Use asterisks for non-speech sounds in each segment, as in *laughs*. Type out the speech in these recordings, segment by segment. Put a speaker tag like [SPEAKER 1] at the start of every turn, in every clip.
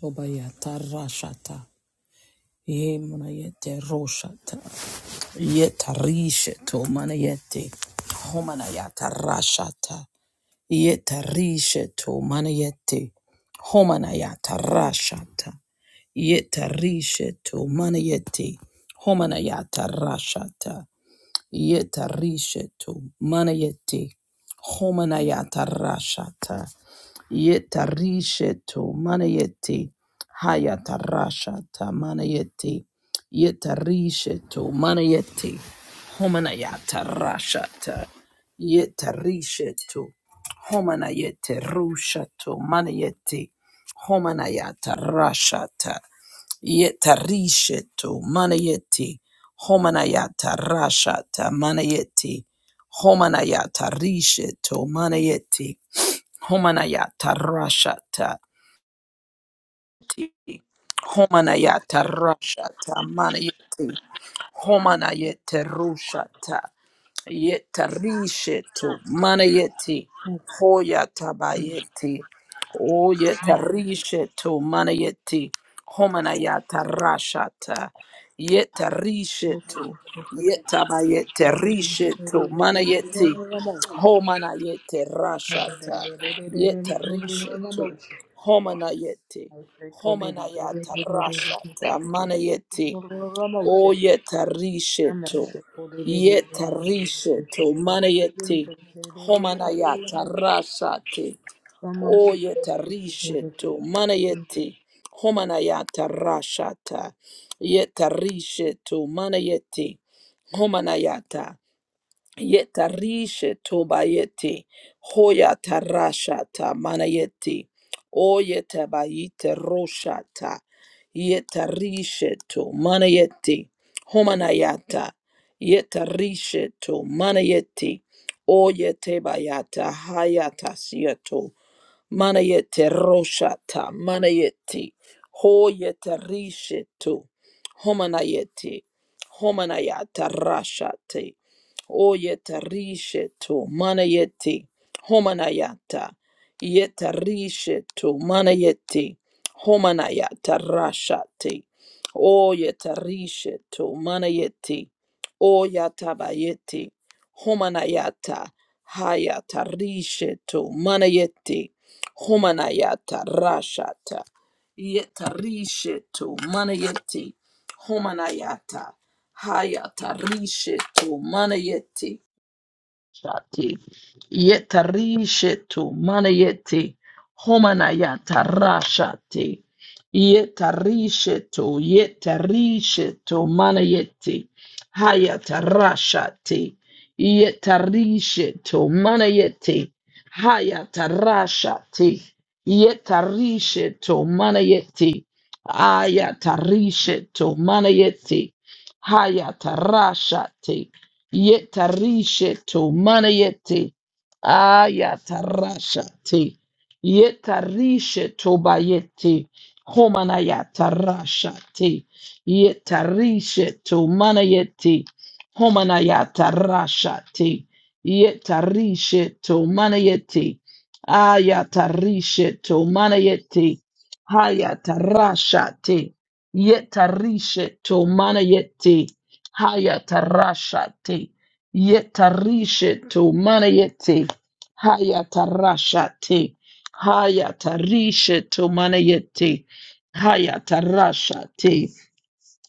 [SPEAKER 1] Tobayata Rashata. Ye manayete roshata. Yetarishe to manayete. Homanayata rashata. Yetarishe to manayete. Homanayata rashata. Yetarishe to manayete. Homanayata rashata. Yetarishe to manayete. Homanayata rashata. Yetarishe to manayeti hayatarasha ta manayeti yetarishe to manayeti homanayatarasha ta yetarishe to homanayete rusha to manayeti homanayatarasha ta yetarishe to manayeti homanayatarasha ta manayeti homanayatarasha to manayeti Homanayata rashata. Homanayata rashata manayeti. Homanayete rushata. Yetarishetu manayeti hoyatabayeti o yetarishetu manayeti homanayata rashata
[SPEAKER 2] Glory
[SPEAKER 1] yetarishetu
[SPEAKER 2] to
[SPEAKER 1] yetabayete rishetu manayeti homanayete rashata yetarishetu homanayeti homanayata rashata manayeti O yetarisheto. Yetarisheto. Manayete. Homanayata rasate. O yetarisheto. Manayete. Homanayata rashata. Yetarisheto. Manayete. Homanayata. Yetarishe tobayeti. Hoya tarashata manayeti. Oyetabayite roshata. Yetarishe to manayeti. Homanayata. Yetarishe to manayeti. Oyetebayata hayata Manayete roshata, manayete, hoyete rishetu, homanayete, homanayata rashate, oyete rishetu, manayete, homanayata, yete rishetu, manayete, homanayata rashate, oyete rishetu, manayete, oyatabayete, homanayata, hayata rishetu, manayete, Homanayata Rashata Yetarishetu Manayeti Homanayata Hayata Rishetu Manayeti Shati yetarishetu manayeti homanayata rashati yetarishetu yetarishetu manayeti hayata rashati yetarishetu manayeti hayata rashati yetarishetu manayeti ayatarishetu manayeti hayata rashati Yetarisheto manayete ayatarashate yetarisheto bayete homanayatarashate yetarisheto manayete homanayatarashate yetarisheto manayete ayatarisheto manayete hayatarashate yetarisheto manayete Haya tarashate. Yetarishe to manayete. Haya tarashate. Haya tarishe to manayete. Haya tarashate.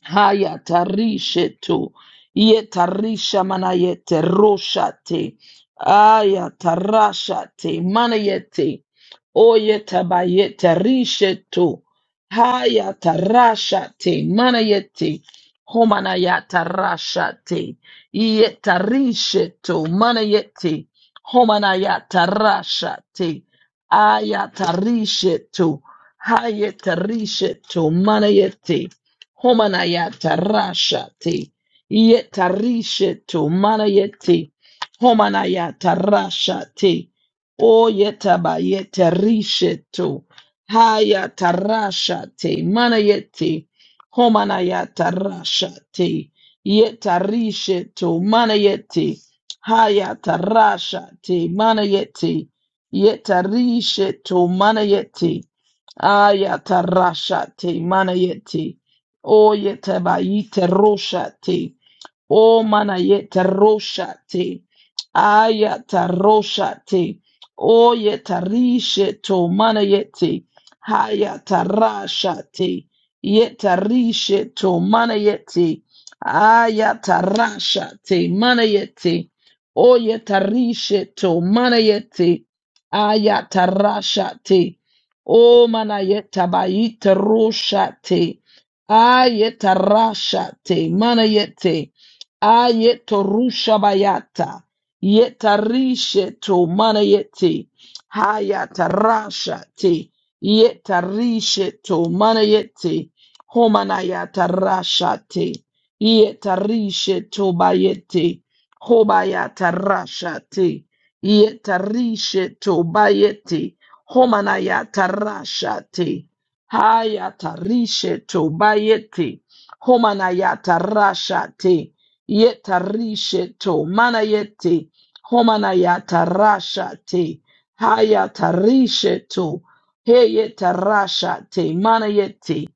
[SPEAKER 1] Haya tarishe tu ye tarisha mana yete roshate aya tarashate mana yete oye tabayete rishe tu haya tarashate mana yete homana ya tarashate ye tarishe tu mana yete homana ya tarashate aya tarishe tu haya tarishe tu mana yete Homanayata rashati. Yetarishetu manayeti. Homanayata rashati. O yetaba yetarishetu. Hayata rashati. Manayeti. Homanayata rashati. Yetarishetu manayeti. Hayata rashati. Manayeti. Yetarishetu manayeti. Ayatarashate manayeti. O Oh, yetabayite roshate. O manayeta roshate. Ayata roshate. Oyeta rishe to manayete. Hayata rashate. Yeta rishe to manayete. Ayata rashate manayete. Oyeta rishe to manayete. Ayata rashate. O manayeta bayita roshate. Ayeta rashate manayete. Ayetorushabayata. Yetarishe to manayete. Hayatarasha te. Yetarishe to manayete. Homanayatarasha te. Yetarishe to bayete. Hobayatarasha te. Yetarishe to bayete. Homanayatarasha te. Hayatarishe to bayete. Homanayatarasha te yetarisheto manayete homanayatarashate hayatarisheto heyetarashate manayete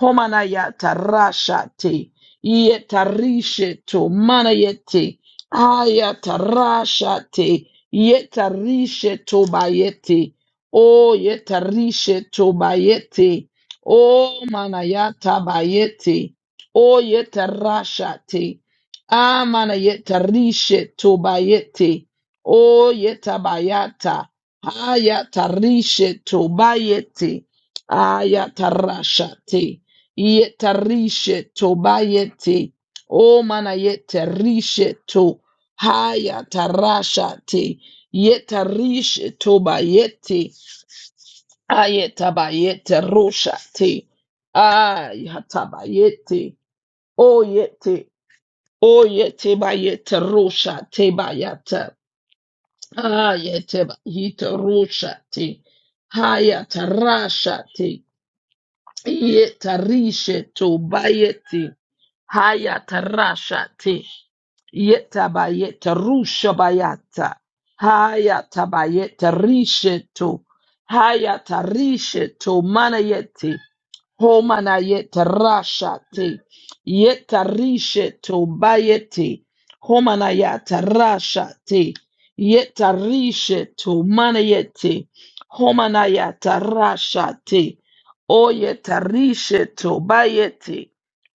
[SPEAKER 1] homanayatarashate yetarisheto manayete hayatarashate yetarisheto bayete o yetarisheto bayete o manayata bayete o yetarashate Amana yetarishe tobayete. O yetabayata. Ayatarishe tobayete. Ayatarashate. Yetarishe tobayete. O mana yetarishe to. Hayatarashate. Yetarishe tobayete. Ayetabayete roshate. Ayatabayete. Oyete. Oyeteba yeterosha teba yata. Hayeteba yeterosha te. ha yatarasha te. Yetarishe tobayeti. Hayatarashati. Yetabayeta rushabayata. Hayatabayeta risheto. Hayatarisheto manayeti. Homanayeta rashati. Yetarisheto bayeti. Homanayata rashati. Yetarisheto manayeti. Homanayata rashati. Oyetarishe tobayete.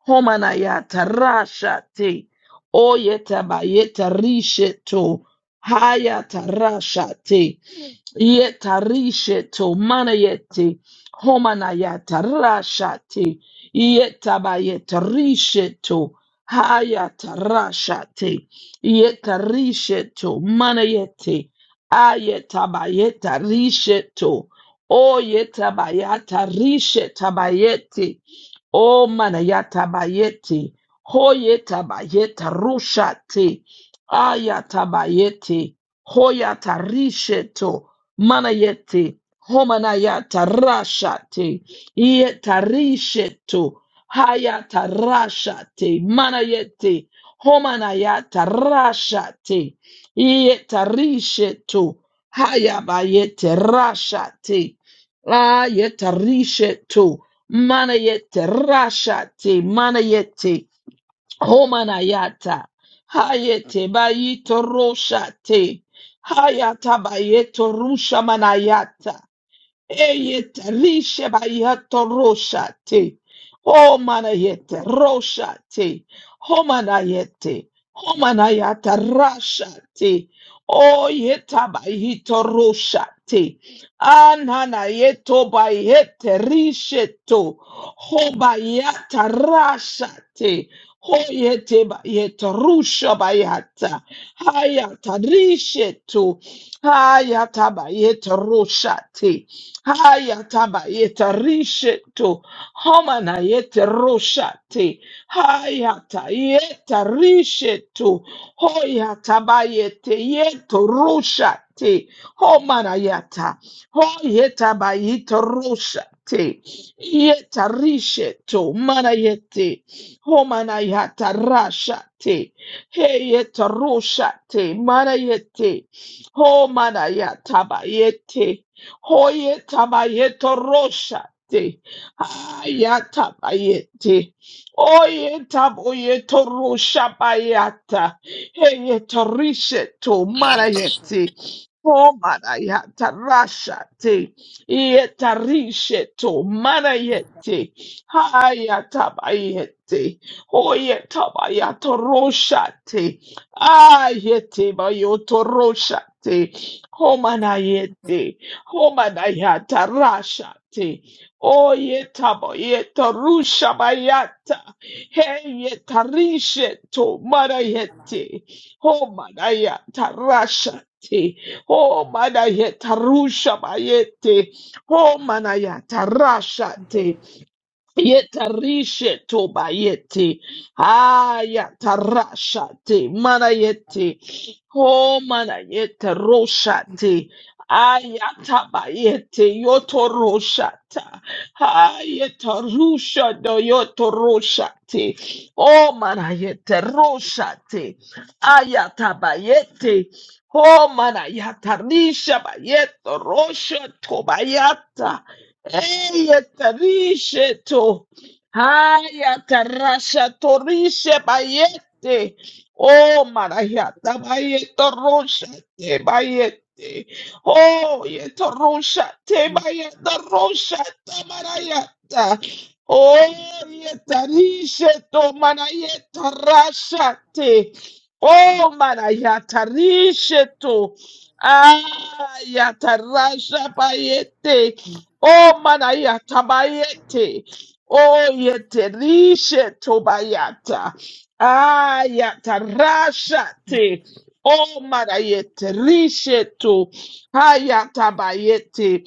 [SPEAKER 1] Homanayata rashate. Oyetabayeta rishe to hayata rashate. Yetarisheto manayeti homanayata rashati yetabayeta risheto hayata rashati yetarisheto manayeti ayetabayeta risheto oyetabayata rishetabayeti O manayatabayete, hoyetabayeta rushate, ayatabayete, hoyatarisheto, manayete, homanayata rashate, yetarisheto, hayatarashate, manayete, homanayata rashate, yetarisheto, hayabayete rashate, ayetarisheto, Manayete rashate manayete homanayata hayete bayito roshate hayata bayeto rusha manayata Eyet rishe bayato roshate. O manayete roshate. Homanayete. Homanayata rashate. O yeta bayito roshate. Ananayeto bayete risheto. Hobayata rashate. Hoyete bayeto rusha bayata. Hayata risheto. Hayata bayeto roshate. Haya tabayeta risheto homana yete roshate haya tayeta risheto hoya tabayete yeto roshate homana yata hoyeta bayito roshate yeta risheto mana yete homana yata rashate heyeta roshate mana yete homana yata bayete Hoye tabayeto rosha te. Aya tabayete. Oye taboyeto rosha bayata. Heye torishe to marayete. O marayata rasha te. Iye tarishe to marayete. Haya tabayete. Hoye tabayato rosha te. Ayete bayoto rosha te. Homanayete. Homanayata Rashate. Oyetabo yeta rusha bayata. Heyeta risheto marayete. Homanayata Rashate. Homanayata rusha bayete. Homanayata Rashate. Yetarishe tobayete. Ayatarashate. Manayete. Oh manayete roshate. Ayatabayete. Yotoroshata. Ayatarusha do yotoroshate. Oh manayete roshate. Ayatabayete. Oh manayatarisha bayeto rosha tobayata. Eya tarishe to. Haya tarasha torishe bayete. Oh marayata bayeto rosha te bayete. Oh yeto rosha te bayeta rosha ta marayata. Oh yetarishe to marayeta rasha te. Oh marayata rishe to. Ah yata rasha bayete. Oh manaya tabayete. Oh yete rishe tobayata. Ayata rashate. Oh manayete rishe to. Hayata bayete.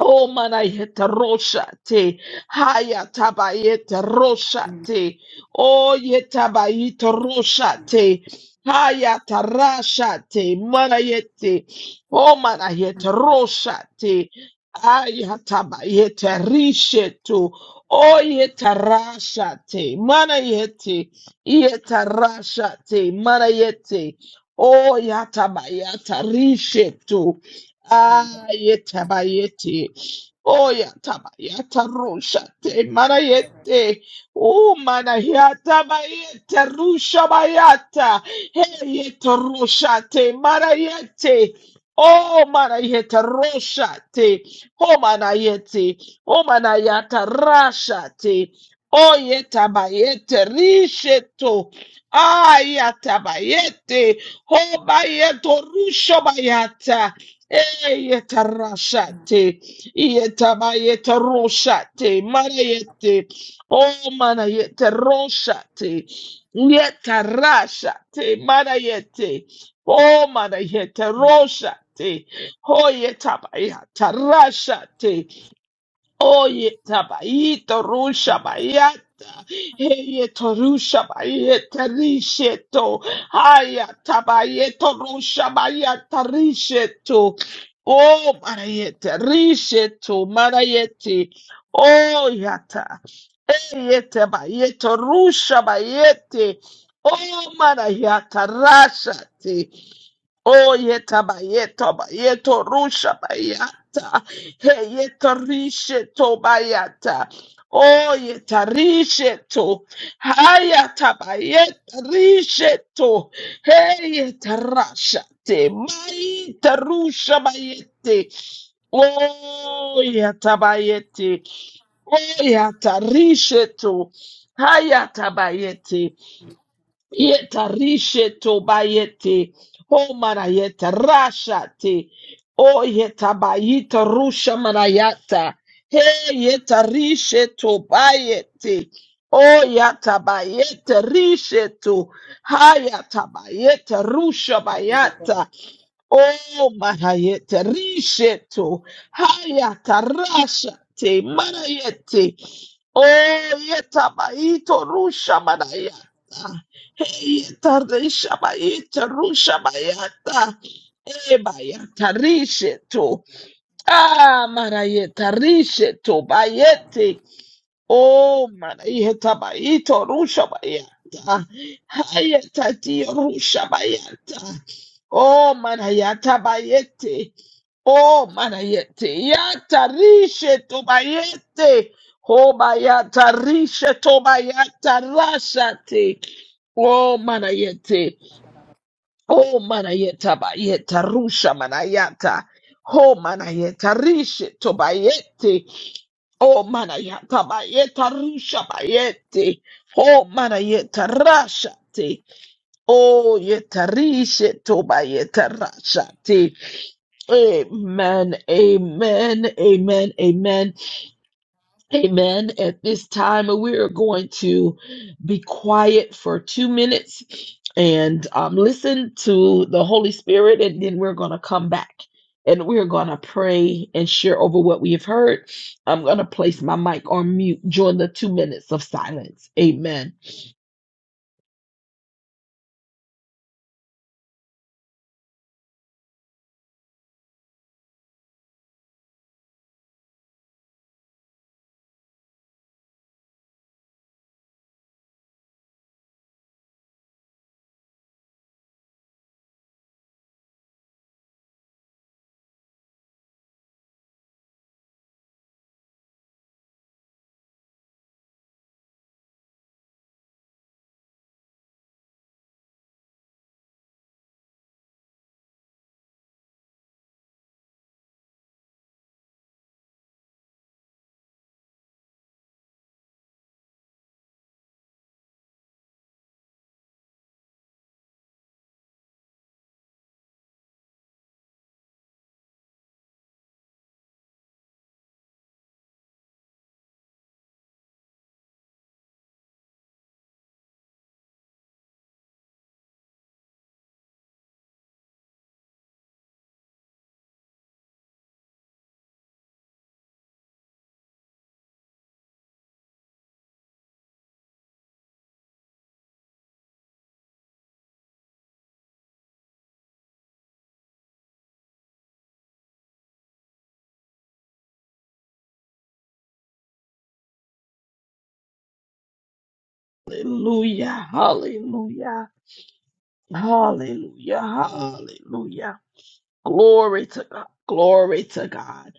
[SPEAKER 1] Oh manayeta roshate, haya tabayeta roshate, oh yetabayeta roshate, haya tarashate, manayete, oh manayeta roshate, haya tabayeta rishetu, oh yetarashate, manayete, yetarashate, manayete, oh yatabayeta rishetu, Ah, yeta ba yeti. Oh, yata yata rusha te mana yete. Oh, mana yata ba rusha bayata. yata. Hey, yeta rusha te mana yete. Oh, mana yeta rusha te. Oh, mana yete. Oh, mana yata rasha te. Oh, yeta ba yete risheto. Ah, yata ba yete. Oh, ba rusha bayata. Yetarashate, yetabayete roshate, marayete, oh manayete roshate, yetarashate, marayete, oh manayete roshate, oh yetabayata rashate, Oye, tabayito rusha bayata, heye torusha bayeta risheto, haya tabayeto rusha bayata risheto, oh marayete risheto marayete, oh yata, eyete bayeto rusha bayete, oh marayata rashate, Oh yeta ba yeta ba yeto rusha ba yata. Hey yeta rishe to ba yata. Oh yeta rishe to. Hayata ba yeta rishe to. Hey yeta rasha te. Maita rusha ba yete. Oh yeta ba yete. Oh yeta rishe to. Hayata ba yete. Yetarishe tobayete. O manayeta rashate. O yetabayita rusha manayata. He yetarishe tobayete. O yatabayete rishe to. Hayatabayete rusha bayata. Oh, Mahayete, Risheto, Hayata, Rashate, Marayete, Oh, Yeta, Maito, Rusha, Manayata, Heyeta, Risha, Maita, Rusha, Mayata, Ebayata, Risheto, Ah, Marayeta, Risheto, Bayete, Oh, manayeta baito rusha bayata. Hayata ti rusha bayata. Oh, manayata bayete. Oh, manayete. Yata rishe to bayete. Oh, bayata rishe to bayata rashate. Oh, manayete. Oh, manayeta bayeta rusha manayata. Oh, manayeta rishe to bayete. Oh manayaka bayeta rusha bayete. Oh manayeta rashate. Oh yetarishe to bayeta rashate. Amen. Amen. Amen. Amen. Amen. At this time, we are going to be quiet for two minutes and um, listen to the Holy Spirit, and then we're going to come back and we're going to pray and share over what we have heard. I'm going to place my mic on mute during the two minutes of silence. Amen. Hallelujah. Hallelujah. Hallelujah. Hallelujah. Glory to God. Glory to God.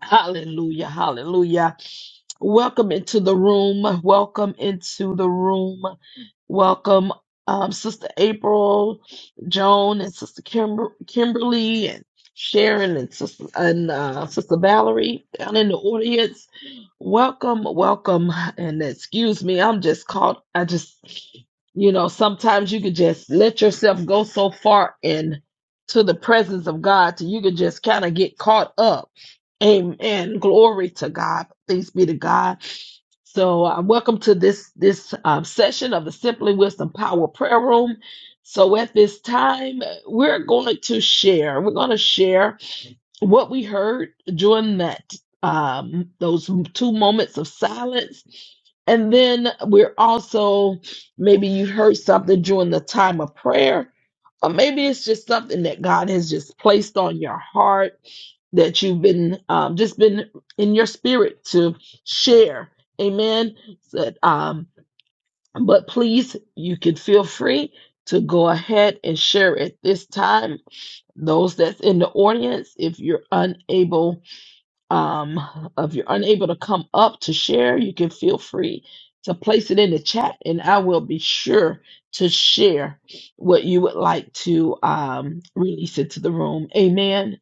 [SPEAKER 1] Hallelujah. Hallelujah. Welcome into the room. Welcome into the room. Welcome, um, Sister April, Joan, and Sister Kimber- Kimberly, and Sharon, and Sister and uh, Sister Valerie down in the audience. Welcome, welcome, and excuse me, I'm just caught. I just, you know, sometimes you could just let yourself go so far in to the presence of God, till you could just kind of get caught up Amen. Glory to God. Thanks be to God. So, uh, welcome to this this um, session of the Simply Wisdom Power Prayer Room. So, at this time, we're going to share. We're going to share what we heard during that um those two moments of silence and then we're also maybe you heard something during the time of prayer or maybe it's just something that god has just placed on your heart that you've been um, just been in your spirit to share amen so, um, but please you can feel free to go ahead and share at this time those that's in the audience if you're unable um if you're unable to come up to share you can feel free to place it in the chat and i will be sure to share what you would like to um release into the room amen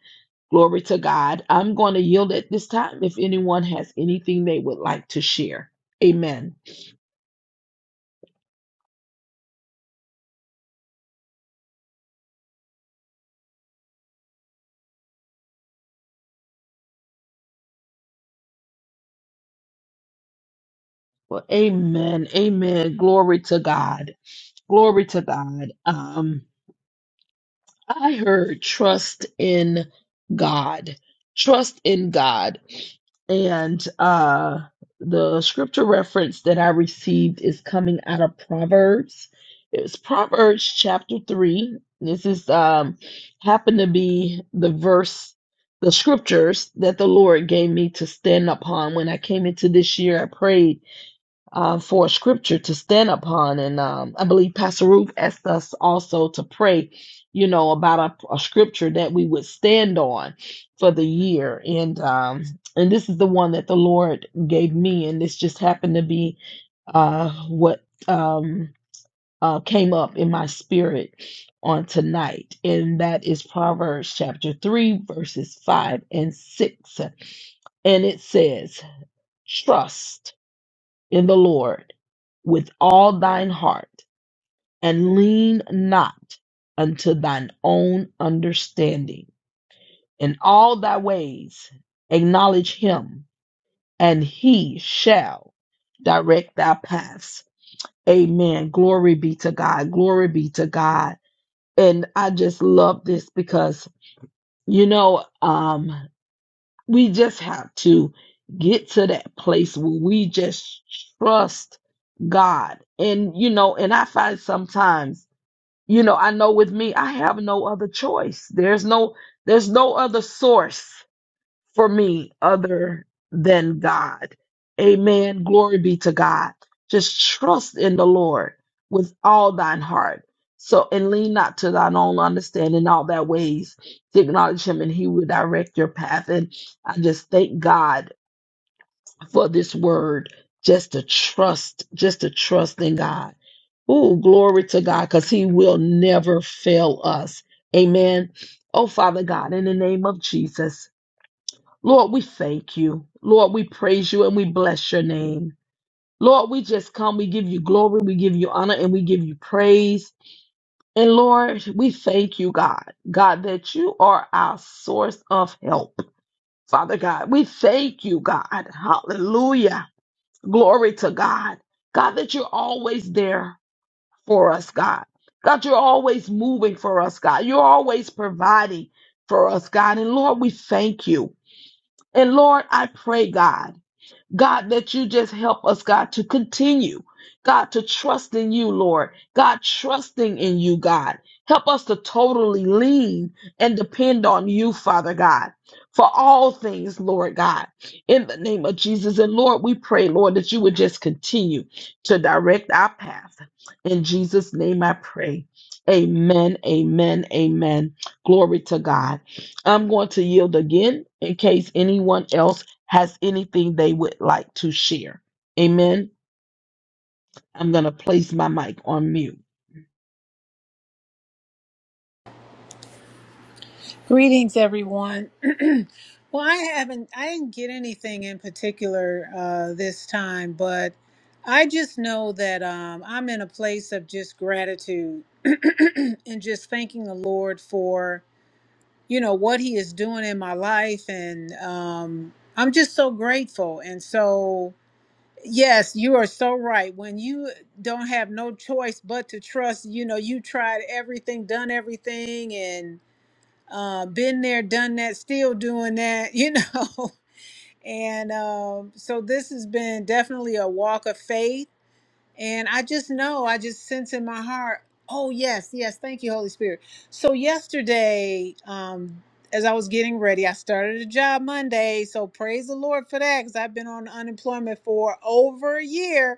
[SPEAKER 1] glory to god i'm going to yield at this time if anyone has anything they would like to share amen well, amen. Amen. Glory to God. Glory to God. Um, I heard trust in God. Trust in God. And uh the scripture reference that I received is coming out of Proverbs. It's Proverbs chapter 3. This is um happened to be the verse the scriptures that the Lord gave me to stand upon when I came into this year. I prayed uh, for scripture to stand upon. And um, I believe Pastor Ruth asked us also to pray, you know, about a, a scripture that we would stand on for the year. And um, and this is the one that the Lord gave me, and this just happened to be uh, what um, uh, came up in my spirit on tonight, and that is Proverbs chapter three, verses five and six, and it says, "Trust." in the Lord with all thine heart, and lean not unto thine own understanding. In all thy ways acknowledge him, and he shall direct thy paths. Amen. Glory be to God. Glory be to God. And I just love this because, you know, um, We just have to get to that place where we just trust God. And, you know, and I find sometimes, you know, I know with me, I have no other choice. There's no, there's no other source for me other than God. Amen. Glory be to God. Just trust in the Lord with all thine heart. So, and lean not to thine own understanding, all thy ways to acknowledge him, and he will direct your path. And I just thank God for this word, just to trust, just to trust in God. Oh, glory to God, because He will never fail us. Amen. Oh, Father God, in the name of Jesus. Lord, we thank you. Lord, we praise you and we bless your name. Lord, we just come. We give you glory. We give you honor and we give you praise. And Lord, we thank you, God, God, that you are our source of help. Father God, we thank you, God. Hallelujah. Glory to God. God, that you're always there for us, God. God, you're always moving for us, God. You're always providing for us, God. And Lord, we thank you. And Lord, I pray, God. God, that you just help us, God, to continue, God, to trust in you, Lord, God, trusting in you, God. Help us to totally lean and depend on you, Father God, for all things, Lord God, in the name of Jesus. And Lord, we pray, Lord, that you would just continue to direct our path. In Jesus' name I pray. Amen, amen, amen. Glory to God. I'm going to yield again in case anyone else has anything they would like to share. Amen. I'm going to place my mic on mute.
[SPEAKER 3] Greetings, everyone. *clears throat* well, I haven't, I didn't get anything in particular uh, this time, but I just know that um, I'm in a place of just gratitude *clears throat* and just thanking the Lord for, you know, what He is doing in my life. And um, I'm just so grateful. And so, Yes, you are so right. When you don't have no choice but to trust, you know, you tried everything, done everything, and uh, been there, done that, still doing that, you know. *laughs* And um, so this has been definitely a walk of faith. And I just know, I just sense in my heart, oh, yes, yes, thank you, Holy Spirit. So yesterday, um, as I was getting ready, I started a job Monday. So praise the Lord for that because I've been on unemployment for over a year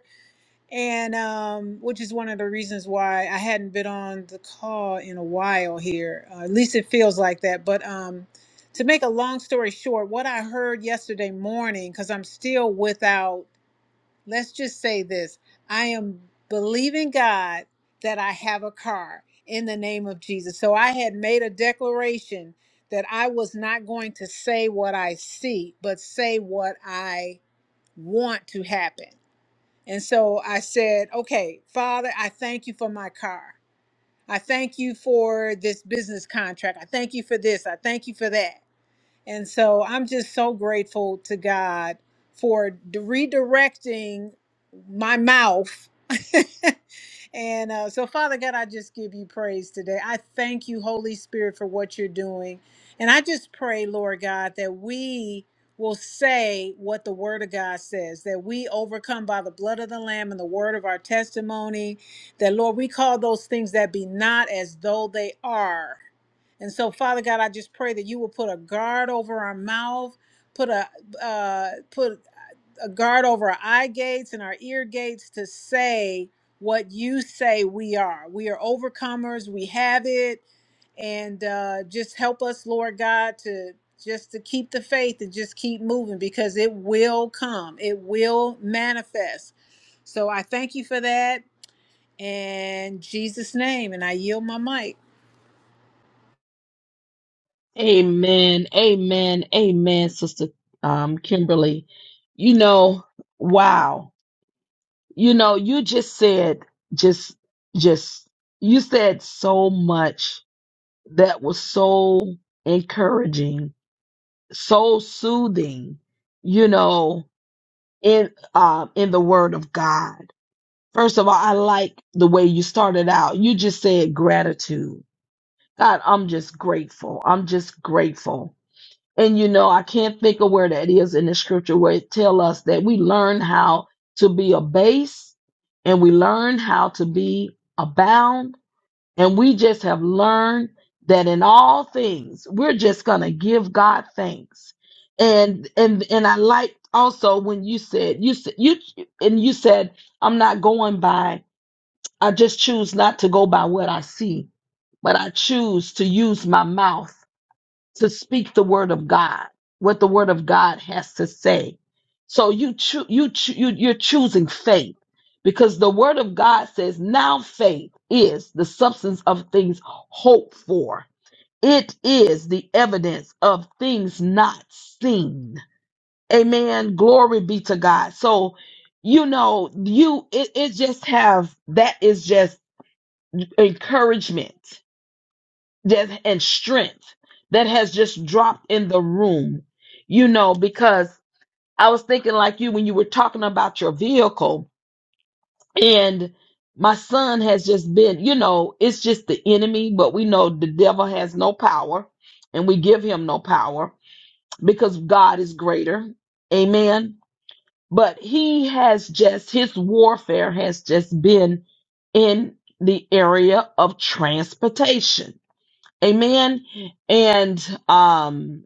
[SPEAKER 3] and um, which is one of the reasons why I hadn't been on the call in a while here. Uh, at least it feels like that. But um, to make a long story short, what I heard yesterday morning, because I'm still without, let's just say this I am believing God that I have a car in the name of Jesus. So I had made a declaration that I was not going to say what I see, but say what I want to happen. And so I said, okay, Father, I thank you for my car. I thank you for this business contract. I thank you for this. I thank you for that. And so I'm just so grateful to God for d- redirecting my mouth. *laughs* and uh, so, Father God, I just give you praise today. I thank you, Holy Spirit, for what you're doing. And I just pray, Lord God, that we will say what the word of God says, that we overcome by the blood of the Lamb and the word of our testimony, that, Lord, we call those things that be not as though they are. And so, Father God, I just pray that you will put a guard over our mouth, put a uh, put a guard over our eye gates and our ear gates to say what you say we are. We are overcomers. We have it, and uh, just help us, Lord God, to just to keep the faith and just keep moving because it will come. It will manifest. So I thank you for that in Jesus' name, and I yield my mic.
[SPEAKER 1] Amen. Amen. Amen, Sister um, Kimberly. You know, wow. You know, you just said, just, just, you said so much that was so encouraging, so soothing, you know, in, um, in the word of God. First of all, I like the way you started out. You just said gratitude. God, I'm just grateful. I'm just grateful. And you know, I can't think of where that is in the scripture where it tell us that we learn how to be a base and we learn how to be abound. And we just have learned that in all things, we're just gonna give God thanks. And and and I liked also when you said you said you and you said I'm not going by I just choose not to go by what I see, but I choose to use my mouth to speak the word of God, what the word of God has to say. So you cho- you, cho- you you're choosing faith because the word of God says now faith is the substance of things hoped for. It is the evidence of things not seen. Amen. Glory be to God. So, you know, you it, it just have that is just encouragement that and strength that has just dropped in the room you know because i was thinking like you when you were talking about your vehicle and my son has just been you know it's just the enemy but we know the devil has no power and we give him no power because god is greater amen but he has just his warfare has just been in the area of transportation Amen. And um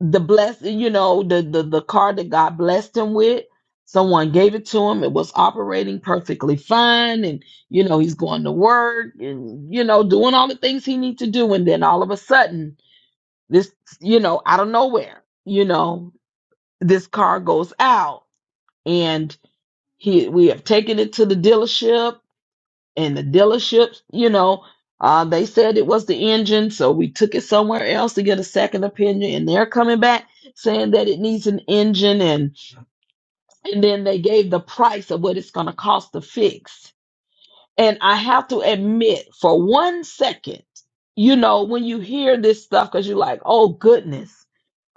[SPEAKER 1] the bless you know, the, the the car that God blessed him with, someone gave it to him. It was operating perfectly fine. And you know, he's going to work and you know, doing all the things he needs to do. And then all of a sudden, this, you know, out of nowhere, you know, this car goes out and he we have taken it to the dealership and the dealerships, you know, uh, they said it was the engine, so we took it somewhere else to get a second opinion, and they're coming back saying that it needs an engine, and and then they gave the price of what it's going to cost to fix. And I have to admit, for one second, you know, when you hear this stuff, because you're like, oh goodness.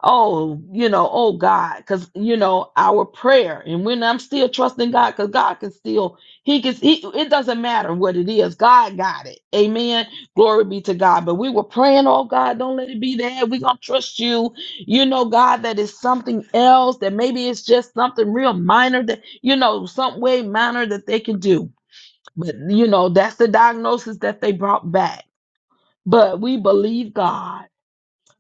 [SPEAKER 1] Oh, you know, oh God, because you know our prayer, and when I'm still trusting God, because God can still, He can, he, it doesn't matter what it is, God got it. Amen. Glory be to God. But we were praying, oh God, don't let it be that. We're gonna trust you. You know, God, that is something else. That maybe it's just something real minor that you know, some way minor that they can do. But you know, that's the diagnosis that they brought back. But we believe God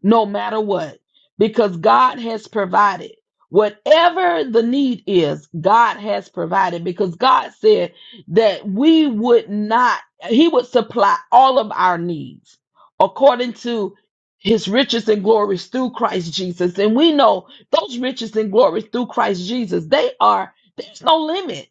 [SPEAKER 1] no matter what, because God has provided. Whatever the need is, God has provided because God said that we would not, He would supply all of our needs according to His riches and glories through Christ Jesus. And we know those riches and glories through Christ Jesus, they are, there's no limit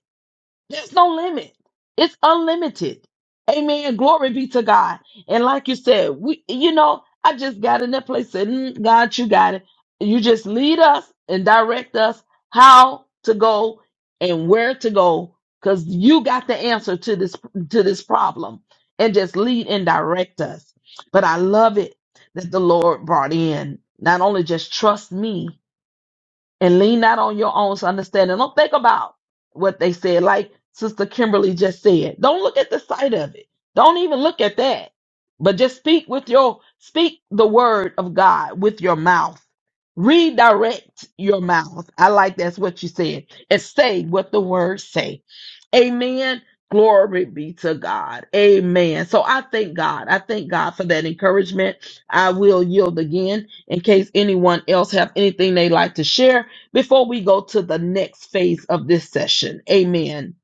[SPEAKER 1] there's no limit. It's unlimited. Amen. Glory be to God. And like you said, we you know, I just got in that place said, "Mm, God, you got it. You just lead us and direct us how to go and where to go cuz you got the answer to this to this problem and just lead and direct us. But I love it that the Lord brought in not only just trust me, and lean not on your own understanding. Don't think about what they said, like Sister Kimberly just said. Don't look at the sight of it. Don't even look at that. But just speak with your speak the word of God with your mouth. Redirect your mouth. I like that's what you said. And say what the words say. Amen. Glory be to God. Amen. So I thank God. I thank God for that encouragement. I will yield again in case anyone else have anything they like to share before we go to the next phase of this session. Amen.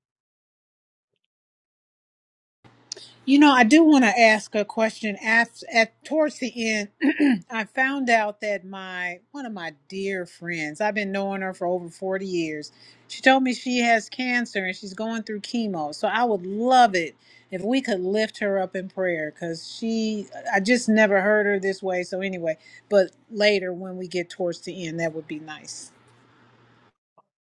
[SPEAKER 3] You know, I do want to ask a question. At, at towards the end, *clears throat* I found out that my one of my dear friends, I've been knowing her for over 40 years. She told me she has cancer and she's going through chemo. So I would love it if we could lift her up in prayer cuz she I just never heard her this way. So anyway, but later when we get towards the end, that would be nice.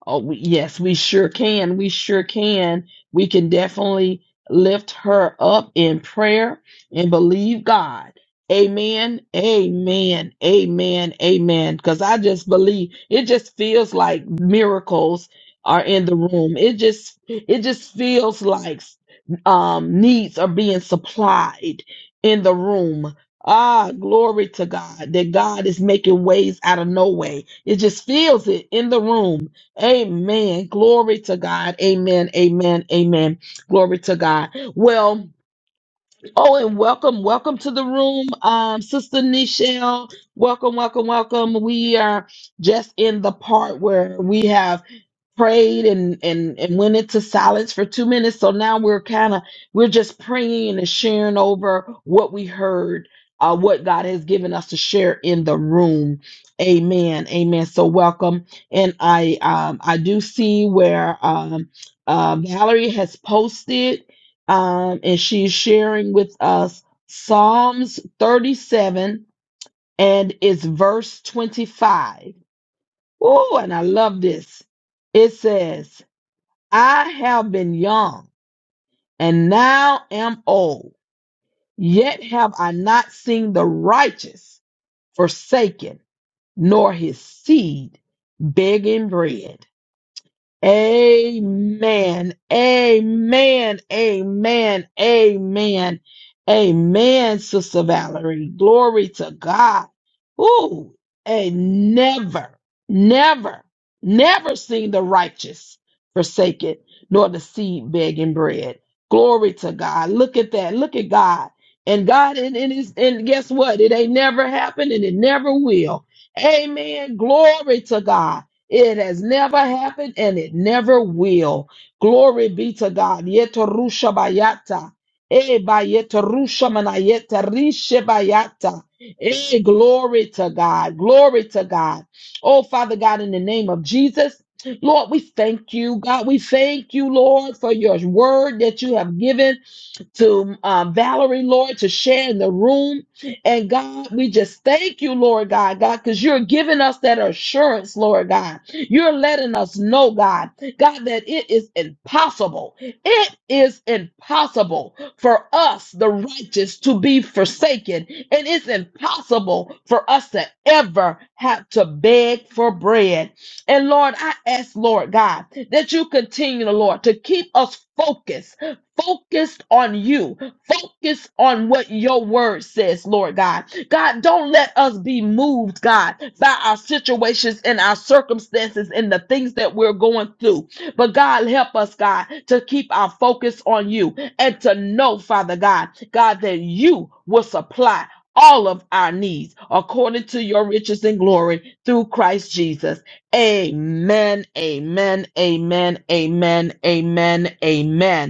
[SPEAKER 1] Oh, we, yes, we sure can. We sure can. We can definitely lift her up in prayer and believe God. Amen. Amen. Amen. Amen. Because I just believe it just feels like miracles are in the room. It just it just feels like um needs are being supplied in the room. Ah, glory to God that God is making ways out of no way. It just feels it in the room Amen. Glory to God. Amen. Amen. Amen. Glory to God. Well, oh, and welcome, welcome to the room, um, Sister Nichelle. Welcome, welcome, welcome. We are just in the part where we have prayed and and and went into silence for two minutes so now we're kind of we're just praying and sharing over what we heard uh what god has given us to share in the room amen amen so welcome and i um i do see where um uh, valerie has posted um and she's sharing with us psalms 37 and it's verse 25 oh and i love this it says I have been young and now am old, yet have I not seen the righteous forsaken, nor his seed begging bread. Amen. Amen. Amen. Amen. Amen, Sister Valerie. Glory to God. Ooh, and never, never, never seen the righteous forsaken, nor the seed begging bread. Glory to God. Look at that. Look at God. And God, and, and, it's- and guess what? It ain't never happened and it never will. Amen. Glory to God. It has never happened and it never will. Glory be to God. Yetarusha bayata. Eh, bayetarusha manayeta rishe bayata. Eh, glory to God. Glory to God. Oh, Father God, in the name of Jesus. Lord, we thank you, God. We thank you, Lord, for your word that you have given to um, Valerie, Lord, to share in the room. And God, we just thank you, Lord God, God, because you're giving us that assurance, Lord God. You're letting us know, God, God, that it is impossible. It is impossible for us, the righteous, to be forsaken. And it's impossible for us to ever have to beg for bread. And Lord, I ask, Lord God, that you continue, Lord, to keep us focused focused on you, focused on what your word says, Lord God. God, don't let us be moved, God, by our situations and our circumstances and the things that we're going through. But God, help us, God, to keep our focus on you and to know, Father God, God, that you will supply all of our needs according to your riches and glory through Christ Jesus. Amen, amen, amen, amen, amen, amen.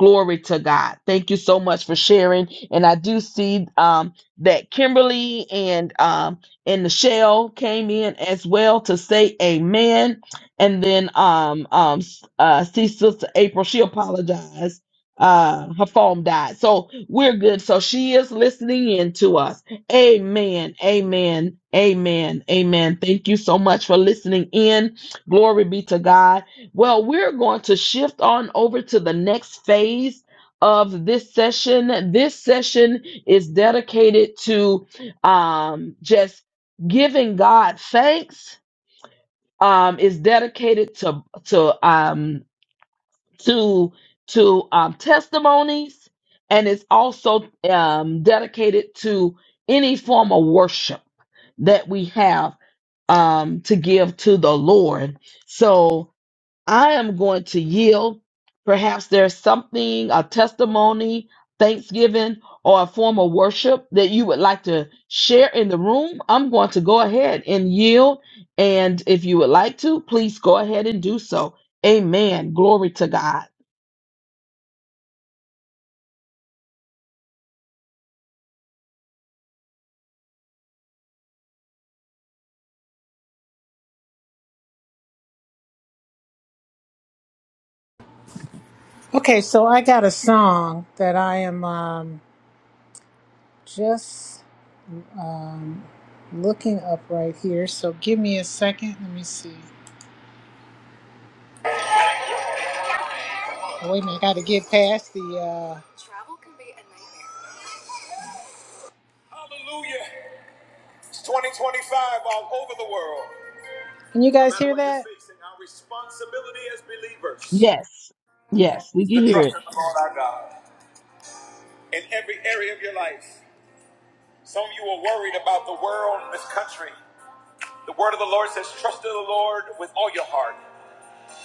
[SPEAKER 1] Glory to God. Thank you so much for sharing. And I do see um, that Kimberly and um, and Michelle came in as well to say amen. And then um, um, uh, see Sister April, she apologized. Uh, her phone died. So we're good. So she is listening in to us. Amen. Amen. Amen. Amen. Thank you so much for listening in. Glory be to God. Well, we're going to shift on over to the next phase of this session. This session is dedicated to um, just giving God thanks. Um, is dedicated to to um, to to um, testimonies, and it's also um, dedicated to any form of worship that we have um, to give to the Lord. So I am going to yield. Perhaps there's something, a testimony, thanksgiving, or a form of worship that you would like to share in the room. I'm going to go ahead and yield. And if you would like to, please go ahead and do so. Amen. Glory to God.
[SPEAKER 3] Okay, so I got a song that I am um just um, looking up right here. So give me a second. Let me see. Wait a minute. Got to get past the. Uh... Travel can be a nightmare. Hallelujah. It's 2025 all over the world. Can you guys No hear that? facing, Our responsibility as believers
[SPEAKER 1] Yes. Yes, we
[SPEAKER 3] is
[SPEAKER 1] can
[SPEAKER 3] to
[SPEAKER 1] hear it.
[SPEAKER 3] trust in the Lord our God in every area of your life. Some of you are worried about the world and this country. The word of the Lord says, Trust in the Lord with all your heart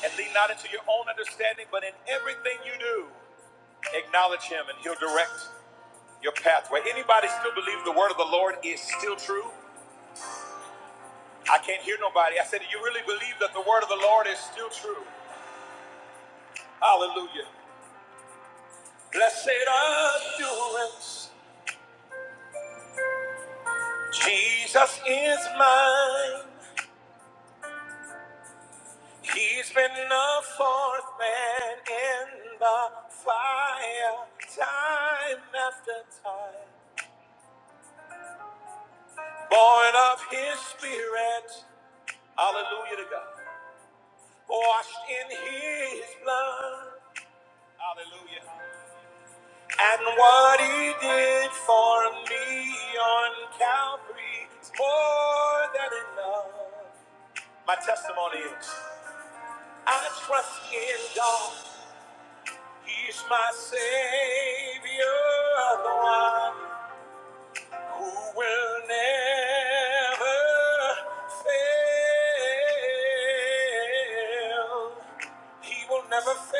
[SPEAKER 3] and lean not into your own understanding, but in everything you do. Acknowledge him and he'll direct your pathway. Anybody still believe the word of the Lord is still true? I can't hear nobody. I said, Do you really believe that the word of the Lord is still true? Hallelujah. Blessed assurance, Jesus is mine. He's been the fourth man in the fire, time after time. Born of his spirit. Hallelujah to God. washed in his blood. Hallelujah. And what he did for me on Calvary is more than enough. My testimony is I trust in God. He's my Savior, the one who will never fail. He will never fail.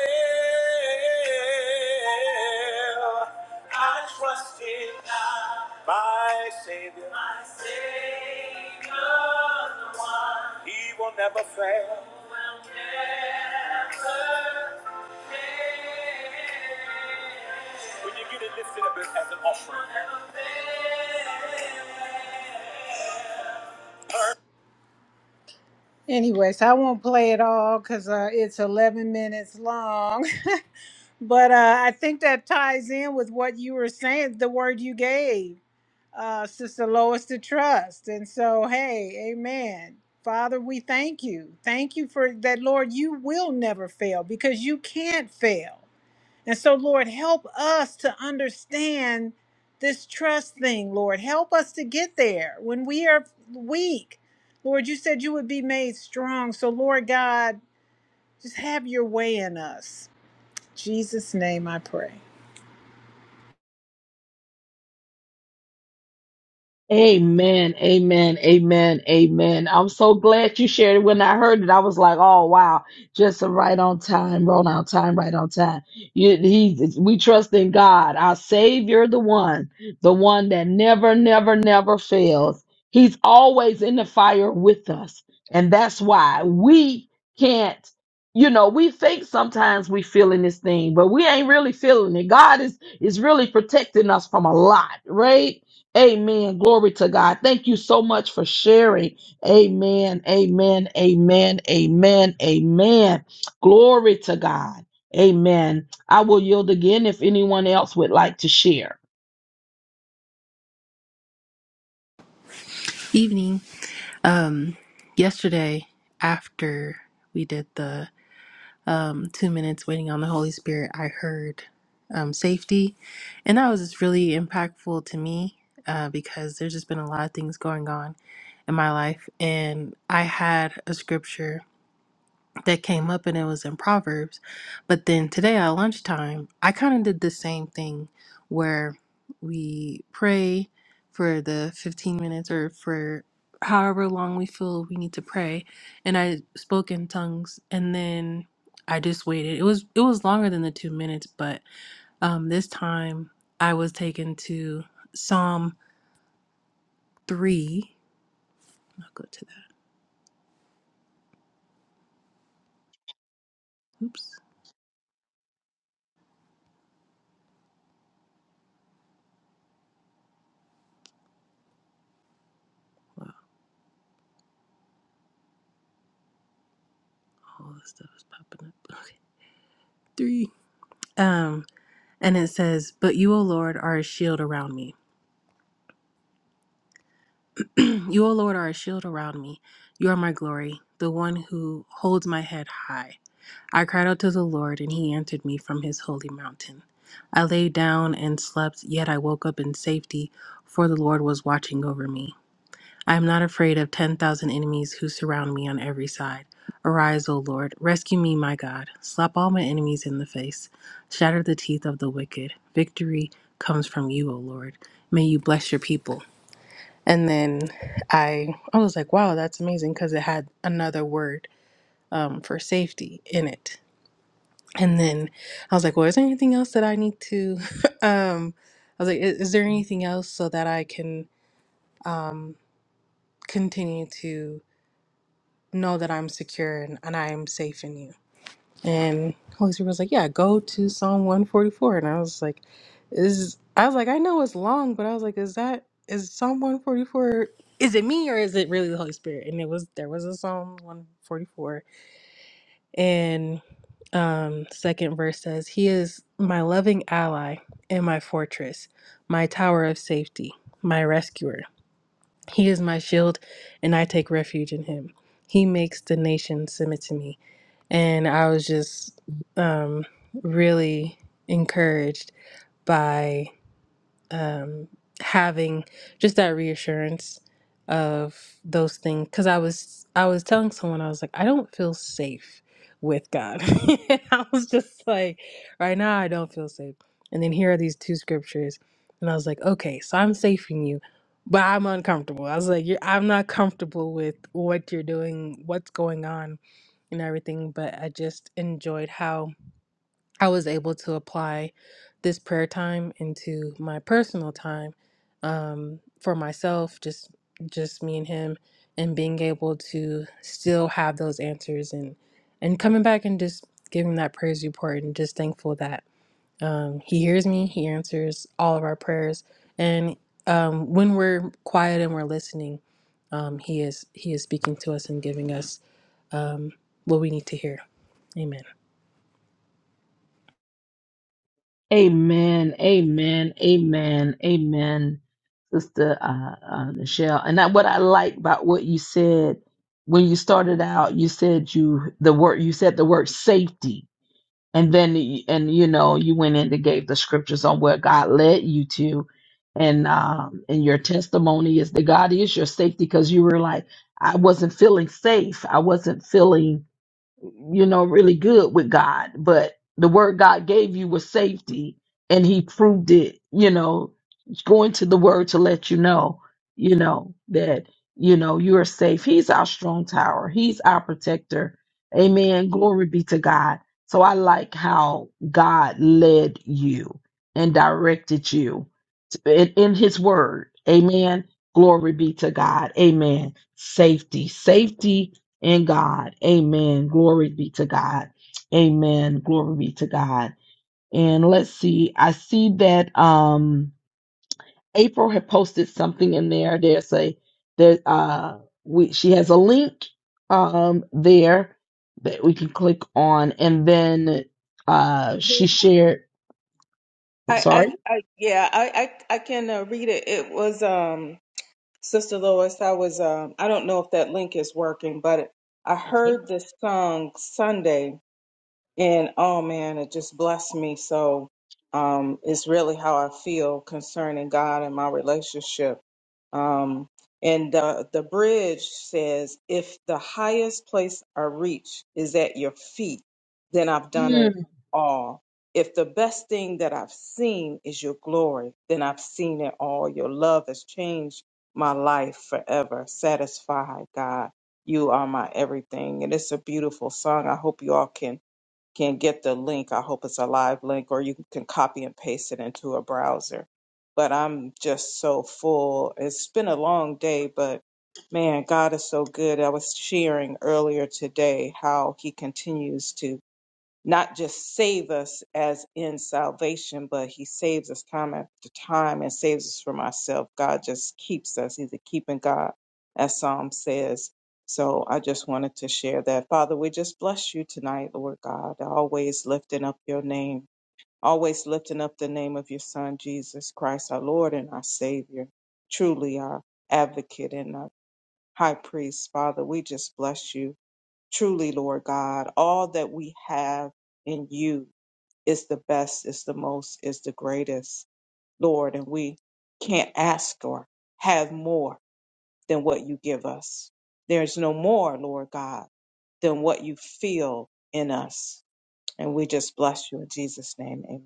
[SPEAKER 3] I trust in God, my Savior. My one. He will never fail. He Will never fail. When you get it lifted up as an offering. He Will never fail. Anyways, I won't play it all because uh, it's 11 minutes long. *laughs* but uh, I think that ties in with what you were saying, the word you gave, uh, Sister Lois, to trust. And so, hey, amen. Father, we thank you. Thank you for that, Lord. You will never fail because you can't fail. And so, Lord, help us to understand this trust thing, Lord. Help us to get there when we are weak. Lord, you said you would be made strong. So, Lord God, just have your way in us. In Jesus' name I pray.
[SPEAKER 1] Amen, amen, amen, amen. I'm so glad you shared it. When I heard it, I was like, "Oh wow, just a right on time, right on time, right on time." You, he, we trust in God, our Savior, the one, the one that never, never, never fails. He's always in the fire with us, and that's why we can't. You know, we think sometimes we feeling this thing, but we ain't really feeling it. God is is really protecting us from a lot, right? Amen. Glory to God. Thank you so much for sharing. Amen. Amen. Amen. Amen. Amen. Glory to God. Amen. I will yield again if anyone else would like to share.
[SPEAKER 4] evening. Um, yesterday, after we did the um, two minutes waiting on the Holy Spirit, I heard um, safety, and that was just really impactful to me uh, because there's just been a lot of things going on in my life, and I had a scripture that came up and it was in Proverbs. But then today at lunchtime, I kind of did the same thing where we pray for the 15 minutes or for however long we feel we need to pray and I spoke in tongues and then I just waited. It was it was longer than the 2 minutes, but um this time I was taken to Psalm 3. I'll go to that. Oops. Wow, all this stuff is popping up. Okay. 3. Um, And it says, But you, O Lord, are a shield around me. *clears throat* you, O Lord, are a shield around me. You are my glory, the one who holds my head high. I cried out to the Lord, and he answered me from his holy mountain. I lay down and slept, yet I woke up in safety, for the Lord was watching over me. I am not afraid of 10,000 enemies who surround me on every side. Arise, O Lord, rescue me, my God. Slap all my enemies in the face. Shatter the teeth of the wicked. Victory comes from you, O Lord. May you bless your people. And then I I was like, wow, that's amazing because it had another word um, for safety in it. And then I was like, well, is there anything else that I need to *laughs* um I was like, is, is there anything else so that I can um continue to know that I'm secure and, and I am safe in you. And Holy Spirit was like, Yeah, go to Psalm 144. And I was like, Is I was like, I know it's long, but I was like, Is that is Psalm 144 is it me or is it really the Holy Spirit? And it was there was a Psalm 144. And um second verse says, He is my loving ally and my fortress, my tower of safety, my rescuer. He is my shield, and I take refuge in him. He makes the nations submit to me. And I was just um, really encouraged by um, having just that reassurance of those things. Because I was, I was telling someone, I was like, I don't feel safe with God. *laughs* And I was just like, right now, I don't feel safe. And then here are these two scriptures, and I was like, okay, so I'm safe in you. But I'm uncomfortable. I was like, you're, I'm not comfortable with what you're doing, what's going on and everything, but I just enjoyed how I was able to apply this prayer time into my personal time um, for myself, just just me and him, and being able to still have those answers and and coming back and just giving that praise report and just thankful that um, he hears me, he answers all of our prayers, and um, when we're quiet and we're listening, um, he is he is speaking to us and giving us what we need to hear. Amen.
[SPEAKER 1] Amen. Amen. Amen. Amen. Sister uh, uh, Michelle, and I, what I like about what you said when you started out, you said you the word you said the word safety and then y- and you know you went in and gave the scriptures on where god led you to and um and your testimony is that god is your safety because you were like i wasn't feeling safe i wasn't feeling you know, really good with God, but the word God gave you was safety and he proved it, you know, going to the word to let you know, you know, that, you know, you are safe. He's our strong tower. He's our protector. Amen. Glory be to God. So I like how God led you and directed you in, in his word. Amen. Glory be to God. Amen. Safety, safety in God. Amen. Glory be to God. Amen. Glory be to God. And let's see. I see that um April had posted something in there. There's a there uh we she has a link um there that we can click on and then uh she shared I'm
[SPEAKER 5] I,
[SPEAKER 1] sorry.
[SPEAKER 5] I, I yeah, I, I, I can uh, read it. It was um, Sister Lois. I was um, I don't know if that link is working, but I
[SPEAKER 1] Okay.
[SPEAKER 5] heard this song Sunday, and oh man, it just blessed me. So um, it's really how I feel concerning God and my relationship. Um, and the, the bridge says, if the highest place I reach is at your feet, then I've done it
[SPEAKER 1] Mm.
[SPEAKER 5] all. If the best thing that I've seen is your glory, then I've seen it all. Your love has changed my life forever. Satisfied, God. You are my everything. And it's a beautiful song. I hope you all can can get the link. I hope it's a live link or you can copy and paste it into a browser. But I'm just so full. It's been a long day, but man, God is so good. I was sharing earlier today how He continues to not just save us as in salvation, but he saves us time after time and saves us from ourselves. God just keeps us. He's a keeping God, as Psalm says. So I just wanted to share that. Father, we just bless you tonight, Lord God, always lifting up your name, always lifting up the name of your Son, Jesus Christ, our Lord and our Savior, truly our advocate and our high priest. Father, we just bless you. Truly, Lord God, all that we have in you is the best, is the most, is the greatest, Lord. And we can't ask or have more than what you give us. There's no more, Lord God, than what you feel in us. And we just bless you in Jesus' name. Amen.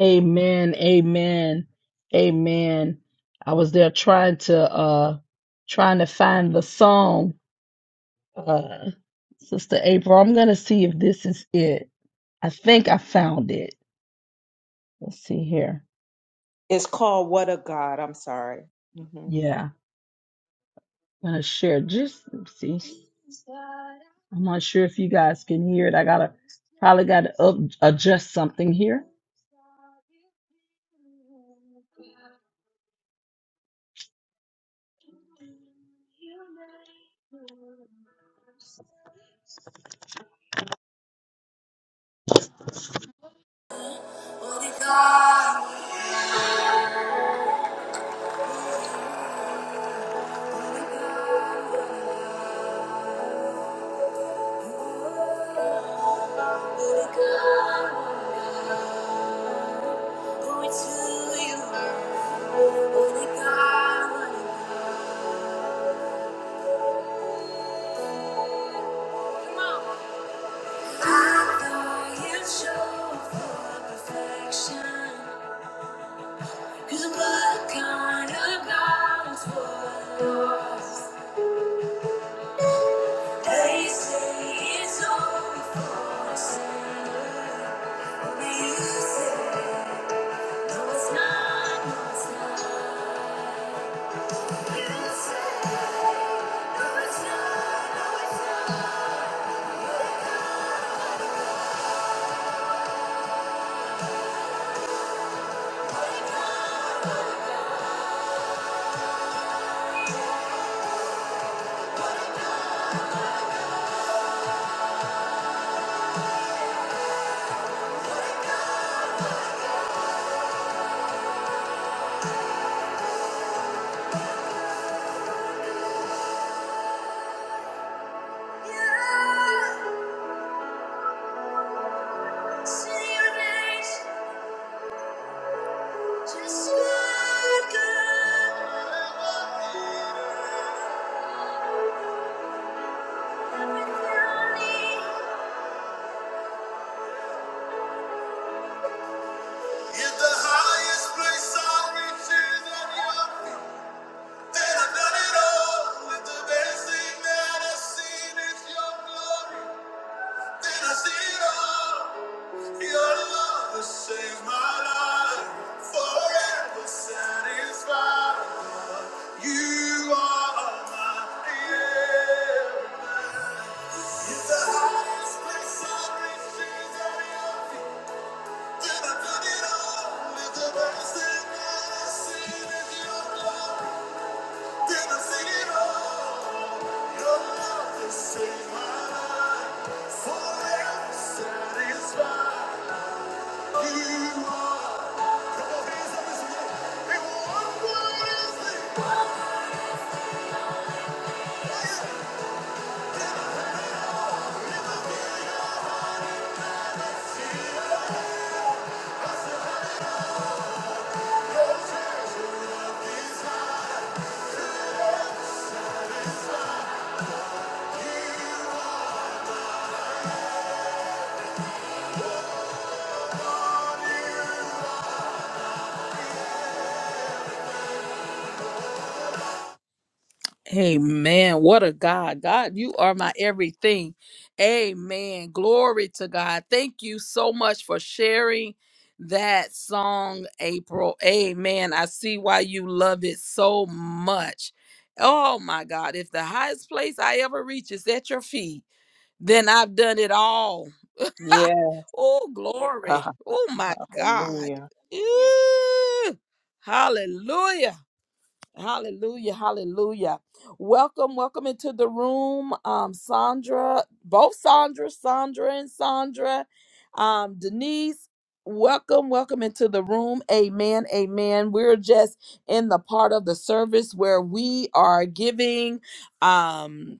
[SPEAKER 1] Amen. Amen. Amen. I was there trying to uh trying to find the song Uh, Sister April, I'm gonna see if this is it. I think I found it. Let's see here.
[SPEAKER 5] It's called What a God. I'm sorry. hmm
[SPEAKER 1] Yeah, I'm gonna share just let's see. I'm not sure if you guys can hear it. I gotta probably gotta up, adjust something here. Glory to you, holy God. Come on. I know you show for perfection. what kind of God's what They say it's only for a sinner. Only you say, no, it's not, no, it's not. You say. If the highest place I reach is at your feet, then I've done it all. If the best thing that I've seen is your glory, Then I see it all. Your love has saved my life, forever satisfied. You are my end. If the highest place I reach is at your feet, then i put it all. with the best thing that I see is your glory, then i sing it all. Your love has saved my life, forever satisfied. You are Amen. What a God. God, you are my everything. Amen. Glory to God. Thank you so much for sharing that song, April. Amen. I see why you love it so much. Oh my God. If the highest place I ever reach is at your feet, then I've done it all.
[SPEAKER 5] Yeah.
[SPEAKER 1] *laughs* oh,
[SPEAKER 5] God.
[SPEAKER 1] glory.
[SPEAKER 5] *laughs*
[SPEAKER 1] Oh, my God.
[SPEAKER 5] Hallelujah.
[SPEAKER 1] Ew. Hallelujah. Hallelujah. Hallelujah. Welcome, welcome into the room. Um, Sandra, both Sandra, Sandra and Sandra, um, Denise. Welcome, welcome into the room. Amen, amen. We're just in the part of the service where we are giving. Um,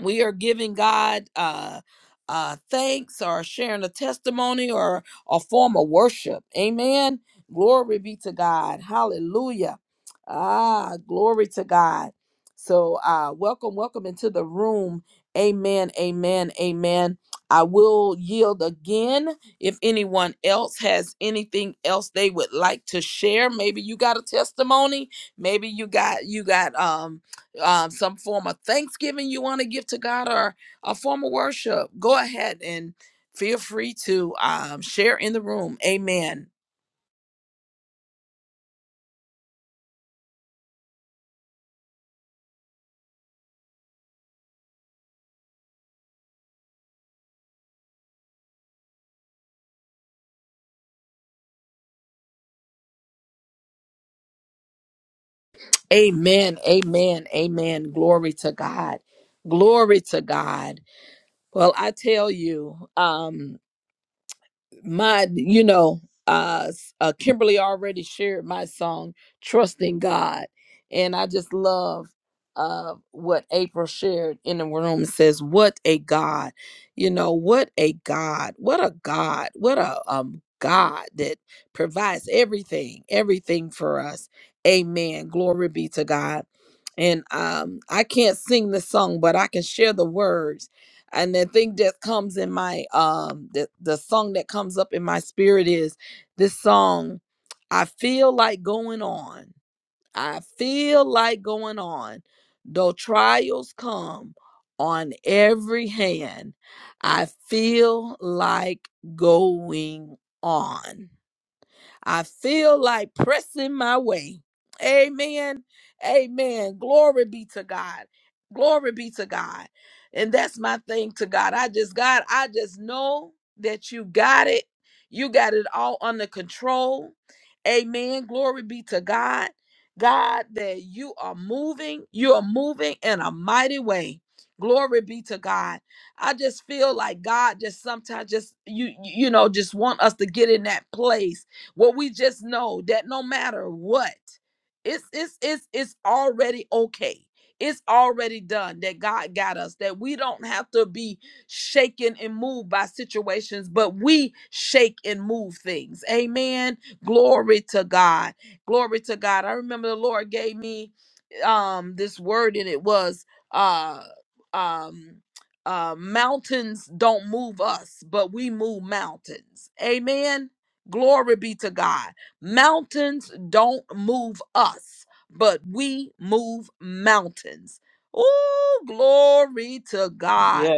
[SPEAKER 1] we are giving God uh, uh, thanks or sharing a testimony or a form of worship. Amen. Glory be to God. Hallelujah. Ah, glory to God. So, uh, welcome, welcome into the room. Amen, amen, amen. I will yield again if anyone else has anything else they would like to share. Maybe you got a testimony. Maybe you got you got um um, some form of thanksgiving you want to give to God or a form of worship, go ahead and feel free to um, share in the room. Amen. Amen. Amen. Amen. Glory to God. Glory to God. Well, I tell you, um, my you know uh, s- uh kimberly already shared my song trusting god and i just love uh what april shared in the room It says what a god you know what a god what a god what a um god that provides everything everything for us amen glory be to god and um i can't sing the song but i can share the words and the thing that comes in my um the, the song that comes up in my spirit is this song i feel like going on i feel like going on though trials come on every hand i feel like going on I feel like pressing my way. Amen. Amen. Glory be to God. Glory be to God. And that's my thing to God. I just, God, I just know that you got it. You got it all under control. Amen. Glory be to God. God, that you are moving. You are moving in a mighty way. Glory be to God. I just feel like God just sometimes just you you know just want us to get in that place well, we just know that no matter what, it's it's it's it's already okay. It's already done that God got us, that we don't have to be shaken and moved by situations, but we shake and move things. Amen. Glory to God. Glory to God. I remember the Lord gave me um this word and it was uh um uh mountains don't move us, but we move mountains. Amen. Glory be to God. Mountains don't move us, but we move mountains. Oh, glory to God.
[SPEAKER 5] Yes.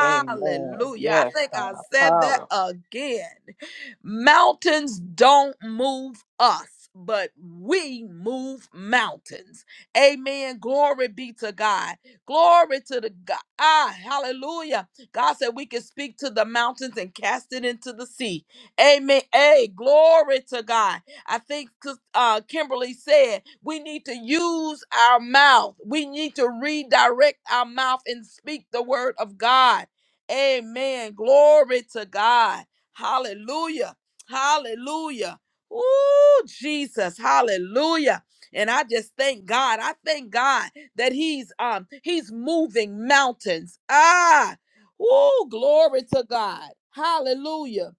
[SPEAKER 5] Amen.
[SPEAKER 1] I
[SPEAKER 5] Yes.
[SPEAKER 1] think I
[SPEAKER 5] God.
[SPEAKER 1] said that
[SPEAKER 5] power.
[SPEAKER 1] again. Mountains don't move us, but we move mountains. Amen. Glory be to God. Glory to the God. Ah, hallelujah. God said we can speak to the mountains and cast it into the sea Amen. Hey, glory to God. I think uh, Kimberly said we need to use our mouth. We need to redirect our mouth and speak the word of God. Amen. Glory to God. Hallelujah. Hallelujah. Ooh, Jesus. Hallelujah. And I just thank God. I thank God that He's um He's moving mountains. Ah. Ooh, glory to God. Hallelujah.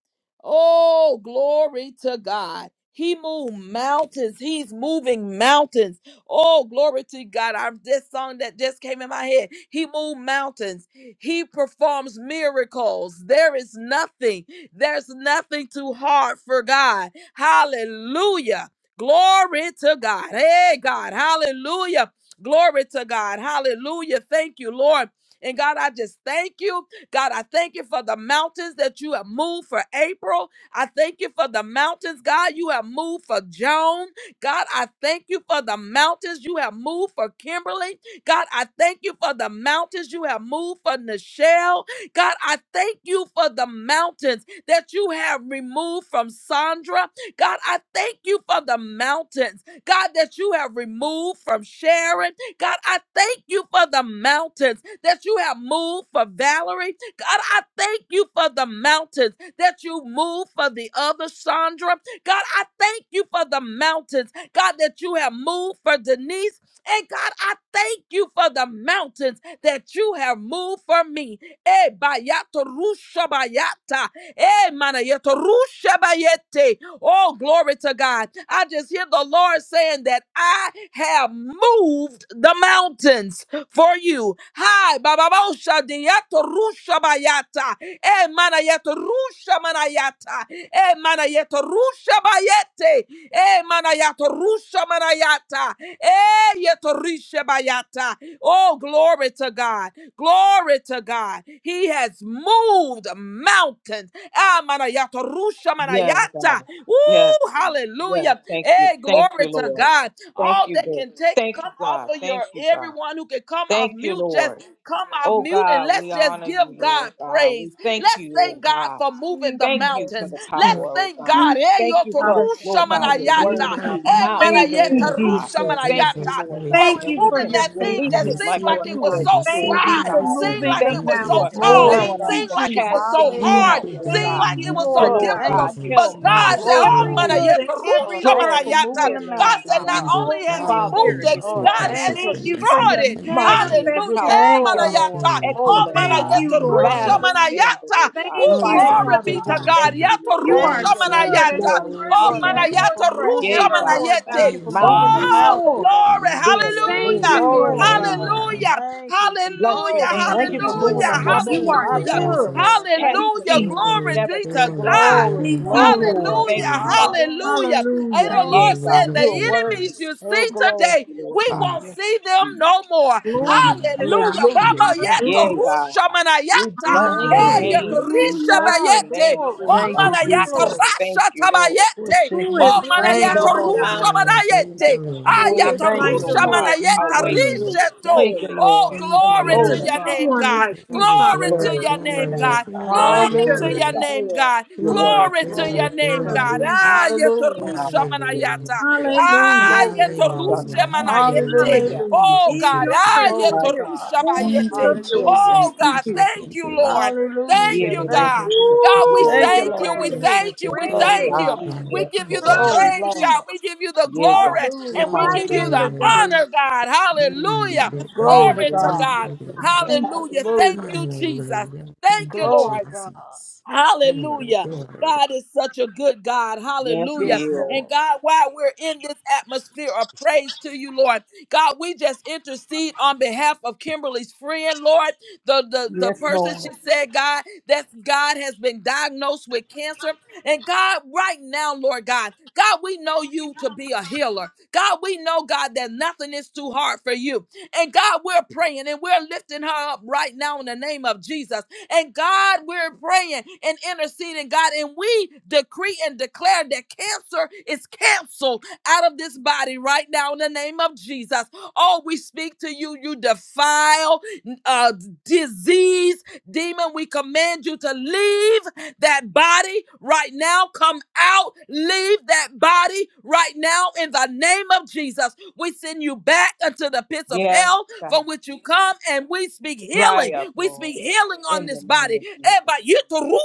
[SPEAKER 1] Oh, glory to God. He moved mountains. He's moving mountains. Oh, glory to God. I'm this song that just came in my head. He moved mountains. He performs miracles. There is nothing. There's nothing too hard for God. Hallelujah. Glory to God. Hey, God. Hallelujah. Glory to God. Hallelujah. Thank you, Lord. And God, I just thank you. God, I thank you for the mountains that you have moved for April. I thank you for the mountains, God, you have moved for Joan. God, I thank you for the mountains you have moved for Kimberly. God, I thank you for the mountains you have moved for Nichelle. God, I thank you for the mountains that you have removed from Sandra. God, I thank you for the mountains, God, that you have removed from Sharon. God, I thank you for the mountains that you have moved for Valerie. God, I thank you for the mountains that you moved for the other Sandra. God, I thank you for the mountains, God, that you have moved for Denise. And God, I thank you for the mountains that you have moved for me. Eh, bayato rusha bayata. Eh, mana yato rusha bayete. Oh, glory to God. I just hear the Lord saying that I have moved the mountains for you. Hi, bababosha diato rusha bayata. E manayato rusha manayata. E manayato rusha bayete. E manayato rusha manayata. E yeto risha bayata. Oh, glory to God. Glory to God. He has moved mountains. Ah, manayata, rusha
[SPEAKER 5] Yes, God.
[SPEAKER 1] manayata.
[SPEAKER 5] Yes.
[SPEAKER 1] Ooh,
[SPEAKER 5] God. Yes.
[SPEAKER 1] hallelujah.
[SPEAKER 5] Thank you.
[SPEAKER 1] Hey,
[SPEAKER 5] Thank
[SPEAKER 1] glory
[SPEAKER 5] you,
[SPEAKER 1] to
[SPEAKER 5] Lord.
[SPEAKER 1] God.
[SPEAKER 5] Thank
[SPEAKER 1] All
[SPEAKER 5] you,
[SPEAKER 1] that
[SPEAKER 5] God.
[SPEAKER 1] can take,
[SPEAKER 5] Thank you,
[SPEAKER 1] come off
[SPEAKER 5] God.
[SPEAKER 1] of
[SPEAKER 5] Thank
[SPEAKER 1] your,
[SPEAKER 5] you, God.
[SPEAKER 1] everyone who can come
[SPEAKER 5] Thank
[SPEAKER 1] off
[SPEAKER 5] you,
[SPEAKER 1] mute,
[SPEAKER 5] Lord.
[SPEAKER 1] just come off
[SPEAKER 5] Oh
[SPEAKER 1] mute and
[SPEAKER 5] God,
[SPEAKER 1] let's
[SPEAKER 5] we
[SPEAKER 1] just
[SPEAKER 5] honor you,
[SPEAKER 1] give
[SPEAKER 5] Lord
[SPEAKER 1] God
[SPEAKER 5] God.
[SPEAKER 1] praise.
[SPEAKER 5] We thank
[SPEAKER 1] Let's
[SPEAKER 5] you, oh
[SPEAKER 1] thank
[SPEAKER 5] God.
[SPEAKER 1] God for moving the
[SPEAKER 5] Thank you
[SPEAKER 3] Holy
[SPEAKER 5] for
[SPEAKER 1] mountains.
[SPEAKER 5] the
[SPEAKER 1] Let's
[SPEAKER 3] Spirit.
[SPEAKER 5] power, oh
[SPEAKER 1] thank
[SPEAKER 5] God.
[SPEAKER 3] Thank
[SPEAKER 1] God.
[SPEAKER 3] you,
[SPEAKER 1] Hey,
[SPEAKER 5] Thank you
[SPEAKER 1] yoto,
[SPEAKER 5] for,
[SPEAKER 3] Father
[SPEAKER 1] rusha
[SPEAKER 5] Lord
[SPEAKER 3] God.
[SPEAKER 5] God, your
[SPEAKER 3] Thank
[SPEAKER 5] word in our
[SPEAKER 6] Hallelujah.
[SPEAKER 3] you.
[SPEAKER 6] Thank
[SPEAKER 5] mouth,
[SPEAKER 1] manayata.
[SPEAKER 6] you,
[SPEAKER 3] Thank
[SPEAKER 1] Ayeta
[SPEAKER 3] you,
[SPEAKER 6] Lord.
[SPEAKER 5] Lord God.
[SPEAKER 6] Thank
[SPEAKER 1] rusha
[SPEAKER 6] you,
[SPEAKER 3] Jesus.
[SPEAKER 5] Thank you,
[SPEAKER 6] Jesus.
[SPEAKER 1] manayata
[SPEAKER 6] I
[SPEAKER 5] Lord
[SPEAKER 1] for
[SPEAKER 3] Thank
[SPEAKER 5] God,
[SPEAKER 6] receive
[SPEAKER 5] that we
[SPEAKER 6] it,
[SPEAKER 1] removing
[SPEAKER 5] can
[SPEAKER 3] you
[SPEAKER 1] that
[SPEAKER 6] Lord.
[SPEAKER 1] thing
[SPEAKER 6] I
[SPEAKER 5] release
[SPEAKER 3] for
[SPEAKER 1] that
[SPEAKER 3] this,
[SPEAKER 5] it
[SPEAKER 1] seemed
[SPEAKER 5] like a
[SPEAKER 6] receive
[SPEAKER 1] like
[SPEAKER 3] Lord
[SPEAKER 1] it
[SPEAKER 6] it. I
[SPEAKER 1] was
[SPEAKER 3] God.
[SPEAKER 1] so
[SPEAKER 5] two-edged sword
[SPEAKER 6] receive
[SPEAKER 3] Thank
[SPEAKER 5] of
[SPEAKER 6] it.
[SPEAKER 3] you
[SPEAKER 6] I
[SPEAKER 1] wide,
[SPEAKER 3] for
[SPEAKER 5] God.
[SPEAKER 6] receive
[SPEAKER 1] seemed
[SPEAKER 3] moving
[SPEAKER 6] it.
[SPEAKER 1] like
[SPEAKER 3] the
[SPEAKER 1] it
[SPEAKER 5] Thank
[SPEAKER 6] Thank
[SPEAKER 5] you
[SPEAKER 1] was
[SPEAKER 6] you,
[SPEAKER 1] so
[SPEAKER 5] for
[SPEAKER 3] mountains.
[SPEAKER 1] tall,
[SPEAKER 5] allowing
[SPEAKER 3] Thank
[SPEAKER 5] us
[SPEAKER 6] Jesus.
[SPEAKER 3] you,
[SPEAKER 2] God.
[SPEAKER 1] seemed
[SPEAKER 5] to
[SPEAKER 1] like it
[SPEAKER 5] cast
[SPEAKER 1] was
[SPEAKER 3] Jesus.
[SPEAKER 1] so
[SPEAKER 5] things
[SPEAKER 6] Thank
[SPEAKER 1] hard,
[SPEAKER 5] out,
[SPEAKER 6] you,
[SPEAKER 2] Hallelujah.
[SPEAKER 5] oh
[SPEAKER 1] seemed
[SPEAKER 6] God.
[SPEAKER 3] Thank
[SPEAKER 5] God.
[SPEAKER 1] like it
[SPEAKER 6] In
[SPEAKER 3] you,
[SPEAKER 6] the
[SPEAKER 1] was
[SPEAKER 5] To
[SPEAKER 6] name
[SPEAKER 1] so
[SPEAKER 3] Lord
[SPEAKER 2] Lord,
[SPEAKER 5] Lord
[SPEAKER 3] God.
[SPEAKER 6] of
[SPEAKER 2] thank
[SPEAKER 1] difficult.
[SPEAKER 5] God,
[SPEAKER 2] you, Jesus.
[SPEAKER 1] But
[SPEAKER 5] tell
[SPEAKER 6] Jesus, I
[SPEAKER 1] God
[SPEAKER 3] for
[SPEAKER 1] said,
[SPEAKER 5] mountains
[SPEAKER 2] Glory to
[SPEAKER 5] to
[SPEAKER 1] Oh,
[SPEAKER 3] every
[SPEAKER 2] God.
[SPEAKER 6] receive
[SPEAKER 5] move.
[SPEAKER 6] it.
[SPEAKER 3] good and
[SPEAKER 1] manayata,
[SPEAKER 2] Lord,
[SPEAKER 3] every
[SPEAKER 1] rusha
[SPEAKER 2] thank you for
[SPEAKER 5] Glory to
[SPEAKER 3] perfect
[SPEAKER 2] moving
[SPEAKER 1] manayata.
[SPEAKER 5] your
[SPEAKER 2] the
[SPEAKER 3] gift.
[SPEAKER 1] God
[SPEAKER 5] name,
[SPEAKER 3] Thank
[SPEAKER 2] mountain,
[SPEAKER 1] said,
[SPEAKER 6] I
[SPEAKER 5] God.
[SPEAKER 1] Not
[SPEAKER 3] you,
[SPEAKER 6] can
[SPEAKER 2] God.
[SPEAKER 6] do
[SPEAKER 1] only has
[SPEAKER 3] Holy
[SPEAKER 1] He
[SPEAKER 6] all
[SPEAKER 5] Father, we
[SPEAKER 1] moved
[SPEAKER 3] Spirit.
[SPEAKER 1] it,
[SPEAKER 5] give
[SPEAKER 6] things
[SPEAKER 5] you
[SPEAKER 2] Oh,
[SPEAKER 6] through
[SPEAKER 1] God
[SPEAKER 5] all
[SPEAKER 6] Christ
[SPEAKER 5] the
[SPEAKER 6] who
[SPEAKER 1] has
[SPEAKER 2] thank you,
[SPEAKER 3] Thank
[SPEAKER 5] honor
[SPEAKER 3] you
[SPEAKER 2] Jesus.
[SPEAKER 6] strengthens
[SPEAKER 3] for
[SPEAKER 6] me.
[SPEAKER 1] destroyed
[SPEAKER 3] your
[SPEAKER 1] it.
[SPEAKER 6] Thank you,
[SPEAKER 5] mighty
[SPEAKER 6] Lord.
[SPEAKER 5] and
[SPEAKER 2] Good,
[SPEAKER 1] Hallelujah.
[SPEAKER 3] manifested
[SPEAKER 1] Eh,
[SPEAKER 5] powerful
[SPEAKER 2] thank you,
[SPEAKER 3] glory.
[SPEAKER 5] God,
[SPEAKER 6] Thank you,
[SPEAKER 2] Lord.
[SPEAKER 1] manayata.
[SPEAKER 6] Lord.
[SPEAKER 2] Glory
[SPEAKER 1] Oh,
[SPEAKER 6] Thank
[SPEAKER 2] to
[SPEAKER 6] you,
[SPEAKER 5] excellent
[SPEAKER 3] Thank
[SPEAKER 2] God.
[SPEAKER 5] God,
[SPEAKER 6] Lord.
[SPEAKER 1] manayata,
[SPEAKER 3] you, Lord
[SPEAKER 1] rusha
[SPEAKER 6] Hallelujah.
[SPEAKER 5] battle
[SPEAKER 3] Jesus.
[SPEAKER 2] Hallelujah.
[SPEAKER 5] standard,
[SPEAKER 1] manayata.
[SPEAKER 5] oh God,
[SPEAKER 1] Oh,
[SPEAKER 3] Thank
[SPEAKER 6] Always
[SPEAKER 3] you,
[SPEAKER 5] fighter,
[SPEAKER 2] Thank
[SPEAKER 1] glory
[SPEAKER 2] you,
[SPEAKER 5] oh
[SPEAKER 6] submit to the
[SPEAKER 3] Father
[SPEAKER 1] Glory be
[SPEAKER 2] Jesus.
[SPEAKER 5] God.
[SPEAKER 1] to
[SPEAKER 3] God.
[SPEAKER 1] God.
[SPEAKER 5] Thank
[SPEAKER 6] direction.
[SPEAKER 5] you,
[SPEAKER 1] Yato
[SPEAKER 5] Lord
[SPEAKER 3] You
[SPEAKER 5] God.
[SPEAKER 3] are
[SPEAKER 2] Thank
[SPEAKER 1] rusha
[SPEAKER 6] Always
[SPEAKER 2] you,
[SPEAKER 6] sing the
[SPEAKER 3] good
[SPEAKER 2] Lord.
[SPEAKER 3] and
[SPEAKER 1] manayata.
[SPEAKER 3] your
[SPEAKER 5] Glory to
[SPEAKER 1] Oh,
[SPEAKER 5] your
[SPEAKER 3] mercy
[SPEAKER 2] Lord, thank
[SPEAKER 5] name.
[SPEAKER 2] you
[SPEAKER 6] prayers.
[SPEAKER 3] endures
[SPEAKER 2] for
[SPEAKER 1] manayata rusha
[SPEAKER 5] Yea,
[SPEAKER 2] moving,
[SPEAKER 3] forever,
[SPEAKER 5] God,
[SPEAKER 2] Lord.
[SPEAKER 3] Lord
[SPEAKER 2] Thank
[SPEAKER 3] God.
[SPEAKER 1] manayete.
[SPEAKER 2] you for
[SPEAKER 6] Thank you,
[SPEAKER 3] Thank
[SPEAKER 2] moving the
[SPEAKER 5] mountains,
[SPEAKER 3] you,
[SPEAKER 6] Master.
[SPEAKER 1] Oh,
[SPEAKER 5] oh God,
[SPEAKER 2] mountain,
[SPEAKER 3] Lord.
[SPEAKER 2] God.
[SPEAKER 1] glory.
[SPEAKER 5] being
[SPEAKER 6] Yes,
[SPEAKER 3] Thank
[SPEAKER 6] Lord.
[SPEAKER 5] removed
[SPEAKER 1] Hallelujah.
[SPEAKER 3] you,
[SPEAKER 5] in the
[SPEAKER 2] Glory to
[SPEAKER 3] Lord.
[SPEAKER 5] name of
[SPEAKER 2] God.
[SPEAKER 6] Hallelujah.
[SPEAKER 5] Jesus.
[SPEAKER 1] Hallelujah.
[SPEAKER 2] Thank you,
[SPEAKER 5] Bless
[SPEAKER 2] Jesus.
[SPEAKER 5] your
[SPEAKER 3] Oh,
[SPEAKER 5] name,
[SPEAKER 6] Thank
[SPEAKER 2] Thank
[SPEAKER 1] Hallelujah.
[SPEAKER 5] oh
[SPEAKER 3] thank
[SPEAKER 6] you,
[SPEAKER 2] you for
[SPEAKER 3] you,
[SPEAKER 5] God.
[SPEAKER 2] moving
[SPEAKER 1] Hallelujah.
[SPEAKER 2] the
[SPEAKER 3] Lord.
[SPEAKER 6] Jesus.
[SPEAKER 2] mountain
[SPEAKER 3] You
[SPEAKER 2] for
[SPEAKER 5] Removed,
[SPEAKER 6] Thank
[SPEAKER 3] are
[SPEAKER 2] my
[SPEAKER 6] you,
[SPEAKER 5] oh
[SPEAKER 1] Hallelujah.
[SPEAKER 5] God.
[SPEAKER 2] family,
[SPEAKER 3] good.
[SPEAKER 6] Jesus.
[SPEAKER 2] Lord.
[SPEAKER 3] Thank
[SPEAKER 5] Cast
[SPEAKER 2] Thank
[SPEAKER 3] you,
[SPEAKER 2] you,
[SPEAKER 1] Hallelujah.
[SPEAKER 5] into
[SPEAKER 2] Jesus.
[SPEAKER 5] the
[SPEAKER 3] Jesus.
[SPEAKER 5] sea,
[SPEAKER 1] Glory
[SPEAKER 6] Glory,
[SPEAKER 5] never
[SPEAKER 1] be
[SPEAKER 5] to
[SPEAKER 1] to
[SPEAKER 6] glory
[SPEAKER 5] return,
[SPEAKER 6] to your
[SPEAKER 1] God.
[SPEAKER 2] Glory,
[SPEAKER 5] Lord
[SPEAKER 3] Thank
[SPEAKER 5] God.
[SPEAKER 6] name.
[SPEAKER 3] you,
[SPEAKER 2] glory,
[SPEAKER 6] Glory
[SPEAKER 3] Lord.
[SPEAKER 6] to
[SPEAKER 2] glory.
[SPEAKER 5] Thank
[SPEAKER 6] your
[SPEAKER 1] Hallelujah.
[SPEAKER 5] you,
[SPEAKER 6] name.
[SPEAKER 5] Father God.
[SPEAKER 2] Hallelujah.
[SPEAKER 1] Hallelujah. Ain't the
[SPEAKER 3] Hallelujah.
[SPEAKER 2] Thank
[SPEAKER 5] Yea,
[SPEAKER 2] you,
[SPEAKER 1] Lord
[SPEAKER 2] Jesus.
[SPEAKER 5] God,
[SPEAKER 1] saying the
[SPEAKER 6] Hallelujah,
[SPEAKER 5] you are worthy.
[SPEAKER 1] enemies you
[SPEAKER 6] Jesus.
[SPEAKER 2] Oh,
[SPEAKER 1] see
[SPEAKER 2] glory.
[SPEAKER 5] Thank
[SPEAKER 1] today,
[SPEAKER 5] you, Lord
[SPEAKER 1] we
[SPEAKER 5] God.
[SPEAKER 6] Glory,
[SPEAKER 1] won't
[SPEAKER 2] Hallelujah.
[SPEAKER 1] see them
[SPEAKER 5] Jesus.
[SPEAKER 1] no more.
[SPEAKER 3] Glory to
[SPEAKER 6] glory.
[SPEAKER 3] God.
[SPEAKER 1] Hallelujah.
[SPEAKER 2] Hallelujah.
[SPEAKER 1] Baba
[SPEAKER 2] Thank you,
[SPEAKER 6] Hallelujah.
[SPEAKER 1] yeto
[SPEAKER 5] Yea,
[SPEAKER 2] Jesus.
[SPEAKER 3] Hallelujah.
[SPEAKER 5] God.
[SPEAKER 1] rusha
[SPEAKER 5] We
[SPEAKER 1] manayata.
[SPEAKER 5] bless
[SPEAKER 2] Thank
[SPEAKER 5] your
[SPEAKER 2] you,
[SPEAKER 1] Eh
[SPEAKER 2] Jesus.
[SPEAKER 6] Hallelujah.
[SPEAKER 5] name.
[SPEAKER 1] yeto
[SPEAKER 5] We
[SPEAKER 1] risha
[SPEAKER 5] bless
[SPEAKER 3] Hallelujah.
[SPEAKER 5] your
[SPEAKER 1] bayete.
[SPEAKER 5] name,
[SPEAKER 3] Glory,
[SPEAKER 5] Lord
[SPEAKER 1] Oh
[SPEAKER 6] Thank
[SPEAKER 2] Thank
[SPEAKER 6] you,
[SPEAKER 5] God.
[SPEAKER 2] you,
[SPEAKER 3] glory,
[SPEAKER 1] manayata
[SPEAKER 2] Jesus.
[SPEAKER 6] Jesus.
[SPEAKER 3] glory.
[SPEAKER 5] Thank
[SPEAKER 1] rasha
[SPEAKER 5] you, Lord.
[SPEAKER 2] Just
[SPEAKER 1] tabayete.
[SPEAKER 2] checking
[SPEAKER 3] Who
[SPEAKER 1] Oh
[SPEAKER 3] is
[SPEAKER 6] Thank
[SPEAKER 2] it.
[SPEAKER 3] like
[SPEAKER 6] you,
[SPEAKER 2] Thank
[SPEAKER 5] No
[SPEAKER 1] manayata
[SPEAKER 6] thank
[SPEAKER 2] you,
[SPEAKER 3] our
[SPEAKER 5] more
[SPEAKER 6] you,
[SPEAKER 2] Jesus.
[SPEAKER 1] rusha
[SPEAKER 3] God?
[SPEAKER 5] mountains,
[SPEAKER 6] Lord.
[SPEAKER 5] oh
[SPEAKER 6] Thank
[SPEAKER 5] God.
[SPEAKER 6] you,
[SPEAKER 1] manayete.
[SPEAKER 6] Lord.
[SPEAKER 5] We
[SPEAKER 2] Oh,
[SPEAKER 3] Who
[SPEAKER 5] can
[SPEAKER 3] is
[SPEAKER 1] Ayata
[SPEAKER 6] Thank you,
[SPEAKER 2] thank
[SPEAKER 5] see,
[SPEAKER 3] like
[SPEAKER 2] you,
[SPEAKER 3] the
[SPEAKER 5] oh
[SPEAKER 1] rusha
[SPEAKER 6] Lord.
[SPEAKER 2] Jesus.
[SPEAKER 5] God,
[SPEAKER 3] Lord?
[SPEAKER 6] Thank
[SPEAKER 5] our
[SPEAKER 6] you,
[SPEAKER 1] manayeta
[SPEAKER 5] way
[SPEAKER 3] Hallelujah.
[SPEAKER 6] Lord.
[SPEAKER 5] through it
[SPEAKER 1] risheto.
[SPEAKER 2] Thank you,
[SPEAKER 5] clearly
[SPEAKER 1] Oh,
[SPEAKER 2] Lord.
[SPEAKER 6] Thank
[SPEAKER 5] in
[SPEAKER 6] you,
[SPEAKER 5] the
[SPEAKER 1] glory
[SPEAKER 3] There
[SPEAKER 5] name
[SPEAKER 2] Glory
[SPEAKER 1] to
[SPEAKER 3] is
[SPEAKER 6] Lord.
[SPEAKER 2] to
[SPEAKER 5] of
[SPEAKER 1] your
[SPEAKER 3] no
[SPEAKER 2] God.
[SPEAKER 5] Jesus.
[SPEAKER 1] name,
[SPEAKER 3] one
[SPEAKER 1] God.
[SPEAKER 3] like you,
[SPEAKER 6] Glory,
[SPEAKER 1] Glory
[SPEAKER 3] Father God.
[SPEAKER 1] to
[SPEAKER 6] glory,
[SPEAKER 5] Glory
[SPEAKER 1] your
[SPEAKER 5] to your
[SPEAKER 1] name,
[SPEAKER 6] glory,
[SPEAKER 5] name,
[SPEAKER 1] God.
[SPEAKER 5] God.
[SPEAKER 6] glory,
[SPEAKER 3] Bless
[SPEAKER 1] Glory
[SPEAKER 3] your
[SPEAKER 1] to
[SPEAKER 5] Yeah,
[SPEAKER 2] Hallelujah.
[SPEAKER 6] glory.
[SPEAKER 1] your
[SPEAKER 3] name,
[SPEAKER 5] God.
[SPEAKER 1] name,
[SPEAKER 3] Lord.
[SPEAKER 1] God.
[SPEAKER 5] Your
[SPEAKER 6] Glory,
[SPEAKER 5] words
[SPEAKER 1] Glory
[SPEAKER 5] in the name of
[SPEAKER 1] to
[SPEAKER 2] Glory
[SPEAKER 1] your
[SPEAKER 6] glory,
[SPEAKER 2] to
[SPEAKER 1] name,
[SPEAKER 6] glory.
[SPEAKER 2] God.
[SPEAKER 1] God.
[SPEAKER 5] Jesus.
[SPEAKER 3] Hallelujah.
[SPEAKER 1] Ayata
[SPEAKER 2] Hallelujah.
[SPEAKER 1] rusha
[SPEAKER 5] Rama, Sura,
[SPEAKER 6] Hallelujah.
[SPEAKER 1] manayata.
[SPEAKER 5] Dear,
[SPEAKER 3] Hallelujah.
[SPEAKER 2] Glory to
[SPEAKER 1] Ayata
[SPEAKER 2] God.
[SPEAKER 5] Shana,
[SPEAKER 1] rusha
[SPEAKER 6] Hallelujah.
[SPEAKER 5] Rama, Dear,
[SPEAKER 1] manayete.
[SPEAKER 6] Hallelujah.
[SPEAKER 2] Hallelujah.
[SPEAKER 3] Hallelujah.
[SPEAKER 6] Thank
[SPEAKER 1] Oh,
[SPEAKER 6] you,
[SPEAKER 3] In
[SPEAKER 1] God.
[SPEAKER 3] your
[SPEAKER 6] Jesus.
[SPEAKER 3] presence,
[SPEAKER 2] Glory to
[SPEAKER 5] Shana,
[SPEAKER 1] Ayata
[SPEAKER 3] there is
[SPEAKER 2] God.
[SPEAKER 5] Rama,
[SPEAKER 1] rusha
[SPEAKER 5] Dear,
[SPEAKER 3] fullness
[SPEAKER 6] Thank
[SPEAKER 1] bayete.
[SPEAKER 6] you,
[SPEAKER 3] of joy.
[SPEAKER 5] Shana.
[SPEAKER 2] Hallelujah.
[SPEAKER 1] Oh,
[SPEAKER 3] Thank
[SPEAKER 6] Jesus.
[SPEAKER 3] you,
[SPEAKER 6] Thank
[SPEAKER 1] God,
[SPEAKER 3] Jesus.
[SPEAKER 6] you,
[SPEAKER 1] thank
[SPEAKER 6] thank you,
[SPEAKER 1] you,
[SPEAKER 6] Lord.
[SPEAKER 1] Lord.
[SPEAKER 6] Thank
[SPEAKER 1] Thank
[SPEAKER 6] you,
[SPEAKER 5] Yeah,
[SPEAKER 2] Hallelujah.
[SPEAKER 1] you,
[SPEAKER 5] the Lord
[SPEAKER 6] Lord.
[SPEAKER 2] Thank you,
[SPEAKER 5] is
[SPEAKER 1] God.
[SPEAKER 2] Jesus.
[SPEAKER 1] God,
[SPEAKER 5] shaking
[SPEAKER 1] we
[SPEAKER 5] the earth
[SPEAKER 2] Thank
[SPEAKER 3] Ooh,
[SPEAKER 5] with
[SPEAKER 2] you,
[SPEAKER 1] thank
[SPEAKER 5] us.
[SPEAKER 1] you.
[SPEAKER 2] Lord.
[SPEAKER 1] We
[SPEAKER 6] You are
[SPEAKER 3] waymaker,
[SPEAKER 1] thank
[SPEAKER 6] such
[SPEAKER 1] you.
[SPEAKER 6] a
[SPEAKER 1] We
[SPEAKER 6] good,
[SPEAKER 1] thank
[SPEAKER 2] Glory,
[SPEAKER 6] good
[SPEAKER 3] waymaker,
[SPEAKER 5] God,
[SPEAKER 1] you.
[SPEAKER 2] Jesus.
[SPEAKER 1] We
[SPEAKER 6] Father.
[SPEAKER 5] yes,
[SPEAKER 1] give
[SPEAKER 6] Thank
[SPEAKER 1] you the
[SPEAKER 5] Lord
[SPEAKER 6] you.
[SPEAKER 2] Glory,
[SPEAKER 5] Jesus.
[SPEAKER 3] promise
[SPEAKER 1] praise,
[SPEAKER 2] Lord.
[SPEAKER 1] God.
[SPEAKER 3] keeper,
[SPEAKER 1] We give you the
[SPEAKER 5] Yeah, God.
[SPEAKER 1] glory and we
[SPEAKER 6] Lord. Glory,
[SPEAKER 3] light
[SPEAKER 1] give you
[SPEAKER 3] in
[SPEAKER 1] the
[SPEAKER 3] the
[SPEAKER 5] Hallelujah.
[SPEAKER 6] glory.
[SPEAKER 3] dark.
[SPEAKER 2] Hallelujah.
[SPEAKER 1] honor, God.
[SPEAKER 6] Honor,
[SPEAKER 1] Hallelujah.
[SPEAKER 3] That
[SPEAKER 6] good
[SPEAKER 3] is who
[SPEAKER 2] Glory to
[SPEAKER 6] honor.
[SPEAKER 1] Glory
[SPEAKER 5] Yes,
[SPEAKER 3] you
[SPEAKER 1] to
[SPEAKER 3] are,
[SPEAKER 6] Thank
[SPEAKER 2] God.
[SPEAKER 1] God.
[SPEAKER 3] Lord
[SPEAKER 6] you,
[SPEAKER 3] God.
[SPEAKER 6] Lord.
[SPEAKER 5] yes,
[SPEAKER 3] Thank you,
[SPEAKER 1] Hallelujah.
[SPEAKER 3] Jesus.
[SPEAKER 1] Thank
[SPEAKER 2] Hallelujah.
[SPEAKER 1] you, Jesus.
[SPEAKER 6] Hallelujah.
[SPEAKER 1] Thank
[SPEAKER 6] Thank
[SPEAKER 1] you,
[SPEAKER 6] you,
[SPEAKER 2] Glory
[SPEAKER 1] Lord.
[SPEAKER 2] to God.
[SPEAKER 6] Jesus. Glory,
[SPEAKER 1] Hallelujah.
[SPEAKER 6] glory.
[SPEAKER 1] God is such a good God.
[SPEAKER 5] yes,
[SPEAKER 1] Hallelujah.
[SPEAKER 2] Yes,
[SPEAKER 5] he is.
[SPEAKER 1] And
[SPEAKER 2] Lord.
[SPEAKER 1] God, while we're in this atmosphere of praise to you, Lord, God, we just intercede on behalf of Kimberly's friend, Lord, the, the, the
[SPEAKER 2] Yes,
[SPEAKER 1] person
[SPEAKER 2] Lord.
[SPEAKER 1] she said, God, that God has been diagnosed with cancer. And God, right now, Lord God, God, we know you to be a healer. God, we know, God, that nothing is too hard for you. And God, we're praying and we're lifting her up right now in the name of Jesus. And God, we're praying and interceding, God, and we decree and declare that cancer is canceled out of this body right now in the name of Jesus. Oh, we speak to you, you defile, uh, disease, demon. We command you to leave that body right now. Come out. Leave that body right now in the name of Jesus. We send you back unto the pits of
[SPEAKER 5] Yes,
[SPEAKER 1] hell
[SPEAKER 5] God.
[SPEAKER 1] from which you come, and we speak
[SPEAKER 5] Dry
[SPEAKER 1] healing.
[SPEAKER 5] up,
[SPEAKER 1] We
[SPEAKER 5] Lord,
[SPEAKER 1] speak healing on
[SPEAKER 5] in the
[SPEAKER 1] this
[SPEAKER 5] name
[SPEAKER 1] body.
[SPEAKER 5] of
[SPEAKER 1] Eba
[SPEAKER 5] Jesus.
[SPEAKER 1] yituru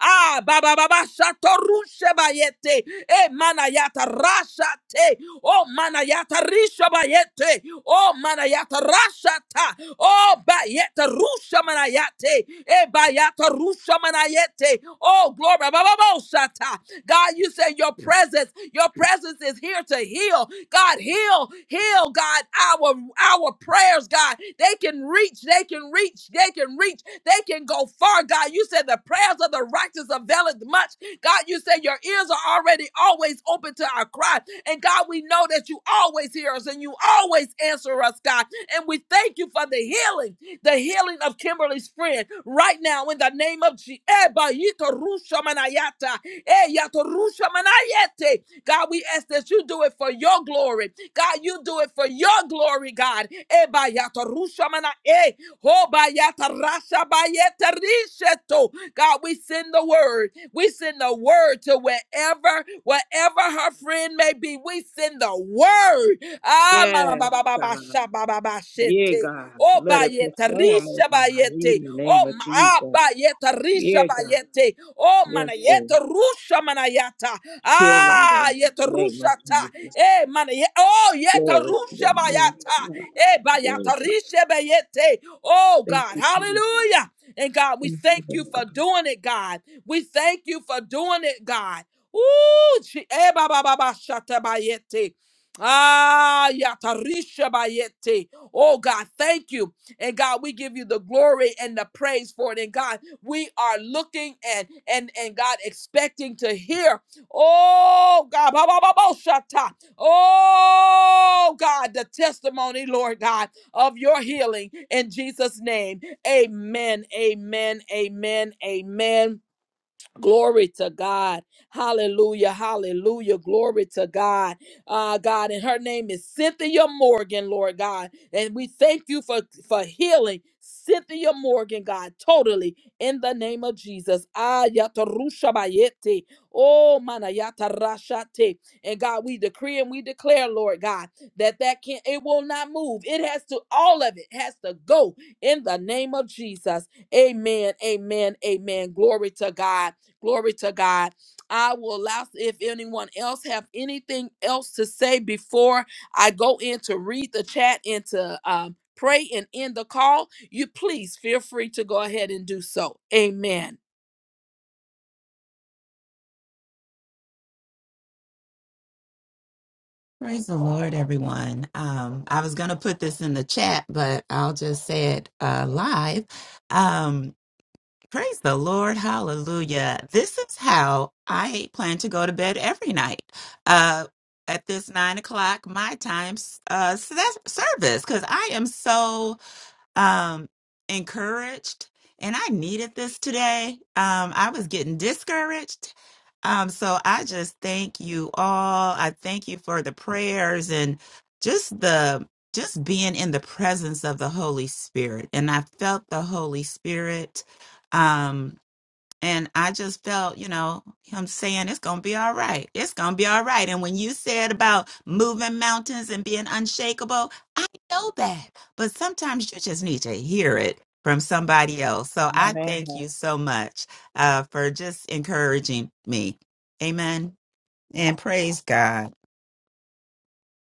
[SPEAKER 1] Ah, ba ba ba ba shatoru shebayete. Eh, manayata rashate. Oh manayata risha bayete. Oh manayata rashata. Oh bayeta rusha manayate. E bayata rusha manayete. Oh glory. Ba, ba, ba, ba, shata. God, you said your presence, your presence is here to heal. God, heal, heal, God, our our prayers, God. They can reach, they can reach, they can reach, they can go far, God. You said the prayers of the righteous availeth much. God, you said your ears are already always open to our cry. And God, we know that you always hear us and you always answer us, God. And we thank you for the healing, the healing of Kimberly's friend right now in the name of Jesus. God, we ask that you do it for your glory. God, you do it for your glory, God. Eh, ba, ya, to, ru, sha, ma, na, eh. Ho, ba, ya, ta, ra, sha, ba, ye, te, ri, she, to. God, we send the word. We send the word to wherever, wherever her friend may be. We send the word. Ah, ma- ba-
[SPEAKER 5] Yes,
[SPEAKER 1] ba- ba- ba-
[SPEAKER 5] God.
[SPEAKER 1] sha- ba- ba- ba-
[SPEAKER 5] Yeah,
[SPEAKER 1] shete.
[SPEAKER 5] God.
[SPEAKER 1] Oh,
[SPEAKER 5] Let it
[SPEAKER 1] bayete,
[SPEAKER 5] perform, oh
[SPEAKER 1] risha
[SPEAKER 5] God, in
[SPEAKER 1] bayete.
[SPEAKER 5] the
[SPEAKER 1] Oh,
[SPEAKER 5] name of
[SPEAKER 1] ma- ah,
[SPEAKER 5] Jesus.
[SPEAKER 1] bayete, risha
[SPEAKER 5] Yeah, God.
[SPEAKER 1] bayete. Oh,
[SPEAKER 5] Yes, Lord.
[SPEAKER 1] manayete, rusha manayata.
[SPEAKER 5] Healing
[SPEAKER 1] Ah,
[SPEAKER 5] in the
[SPEAKER 1] yete,
[SPEAKER 5] name of
[SPEAKER 1] rusha ta.
[SPEAKER 5] Jesus.
[SPEAKER 1] Eh, manayete. Oh, yete,
[SPEAKER 5] Glory to your
[SPEAKER 1] rusha
[SPEAKER 5] name,
[SPEAKER 1] bayata. Ah,
[SPEAKER 5] God.
[SPEAKER 1] Eh,
[SPEAKER 5] Yeah, God.
[SPEAKER 1] Oh,
[SPEAKER 5] Thank
[SPEAKER 1] God.
[SPEAKER 5] you, Jesus.
[SPEAKER 1] Hallelujah. And God, we
[SPEAKER 5] Thank you,
[SPEAKER 1] thank
[SPEAKER 5] Lord
[SPEAKER 1] you
[SPEAKER 5] God.
[SPEAKER 1] for doing it, God. We thank you for doing it, God. Ooh, she- eh, ba, ba, ba, ba, shata bayete. Ah, yatarisha bayete. Oh, God, thank you. And God, we give you the glory and the praise for it. And God, we are looking and and and God expecting to hear. Oh God, ba, ba, ba, ba, shata. Oh, God, the testimony, Lord God, of your healing in Jesus' name. Amen, amen, amen, amen. Glory to God. Hallelujah. Hallelujah. Glory to God. Uh, God, and her name is Cynthia Morgan, Lord God. And we thank you for, for healing Cynthia Morgan, God, totally in the name of Jesus. Ah, yata rusha bayete. Oh, mana yata rashate. And God, we decree and we declare, Lord God, that that can it will not move. It has to, all of it has to go in the name of Jesus. Amen. Amen. Amen. Glory to God. Glory to God. I will allow if anyone else have anything else to say before I go in to read the chat and to um, pray and end the call. You please feel free to go ahead and do so. Amen.
[SPEAKER 6] Praise the Lord, everyone. Um, I was going to put this in the chat, but I'll just say it uh, live. Um, praise the Lord. Hallelujah. This is how I plan to go to bed every night uh, at this nine o'clock my time uh, s- service because I am so um, encouraged, and I needed this today. Um, I was getting discouraged. Um, so I just thank you all. I thank you for the prayers and just the just being in the presence of the Holy Spirit. And I felt the Holy Spirit. um. And I just felt, you know, him saying it's going to be all right. It's going to be all right. And when you said about moving mountains and being unshakable, I know that. But sometimes you just need to hear it from somebody else. So I
[SPEAKER 5] Amen.
[SPEAKER 6] thank you so much uh, for just encouraging me. Amen. And praise God.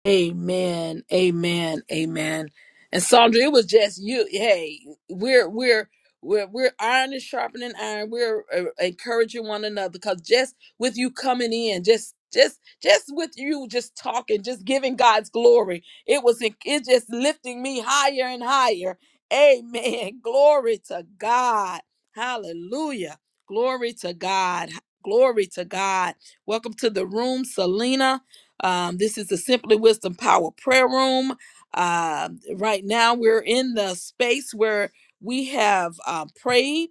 [SPEAKER 1] Amen. Amen. Amen. And Sandra, it was just you. Hey, we're we're we're we're iron is sharpening iron. We're uh, encouraging one another because just with you coming in, just just just with you just talking, just giving God's glory, it was en- it just lifting me higher and higher. Amen. *laughs* Glory to God. Hallelujah. Glory to God. Glory to God. Welcome to the room, Selena. Um, this is the Simply Wisdom Power Prayer Room. Uh, right now, we're in the space where we have uh, prayed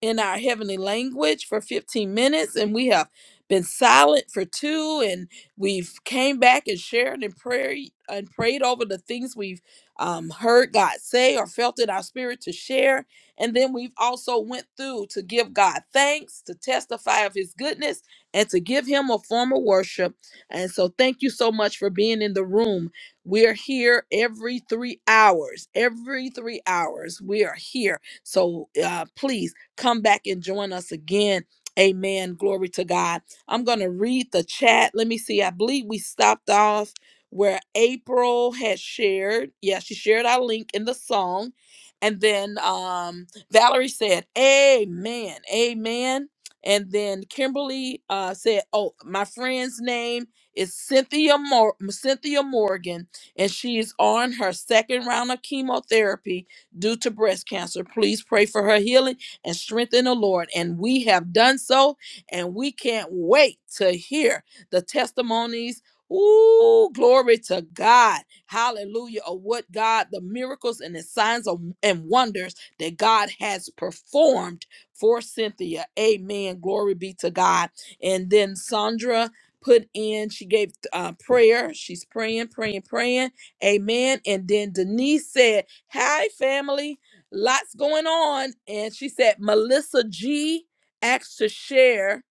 [SPEAKER 1] in our heavenly language for 15 minutes and we have been silent for two and we've came back and shared in prayer and prayed over the things we've um, heard god say or felt in our spirit to share and then we've also went through to give god thanks to testify of his goodness and to give him a form of worship and so, thank you so much for being in the room. We are here every three hours. Every three hours, we are here. So, uh, please come back and join us again. Amen. Glory to God. I'm going to read the chat. Let me see. I believe we stopped off where April had shared. Yeah, she shared our link in the song. And then um, Valerie said, Amen. Amen. And then Kimberly uh, said, Oh, my friend's name is Cynthia Mor- Cynthia Morgan, and she is on her second round of chemotherapy due to breast cancer. Please pray for her healing and strength in the Lord. And we have done so, and we can't wait to hear the testimonies. Ooh, glory to God. Hallelujah. Of what God, the miracles and the signs of, and wonders that God has performed for Cynthia. Amen. Glory be to God. And then Sandra, put in. She gave uh, prayer. She's praying, praying, praying. Amen. And then Denise said, Hi, family. Lots going on. And she said, Melissa G asked to share.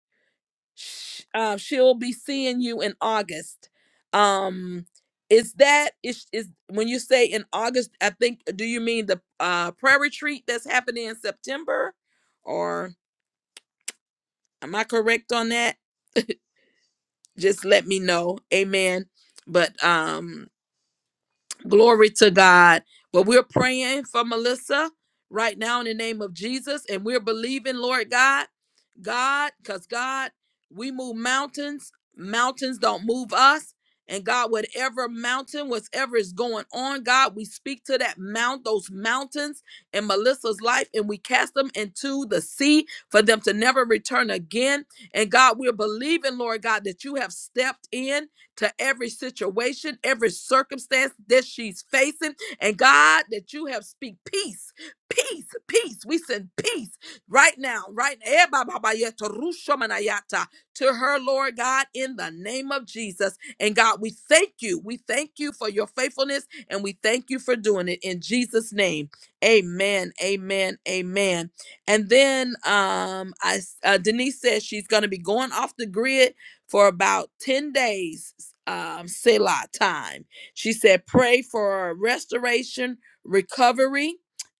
[SPEAKER 1] Sh- Uh, she'll be seeing you in August. Um, is that is is when you say in August? I think. Do you mean the uh, prayer retreat that's happening in September, or am I correct on that? Just let me know. Amen but um Glory to God. But we're praying for Melissa right now in the name of Jesus. And we're believing, Lord God, God, because God, we move mountains. Mountains don't move us. And God, whatever mountain, whatever is going on, God, we speak to that mount, those mountains in Melissa's life, and we cast them into the sea for them to never return again. And God, we're believing, Lord God, that you have stepped in to every situation, every circumstance that she's facing. And God, that you have speak peace, peace, peace. We send peace right now, right eh, ba, ba, ba, yeah, to Rusha to her, Lord God, in the name of Jesus. And God, we thank you. We thank you for your faithfulness and we thank you for doing it in Jesus' name. Amen. Amen. Amen. And then um, I uh, Denise says she's going to be going off the grid for about 10 days, um, Selah time. She said, pray for restoration, recovery.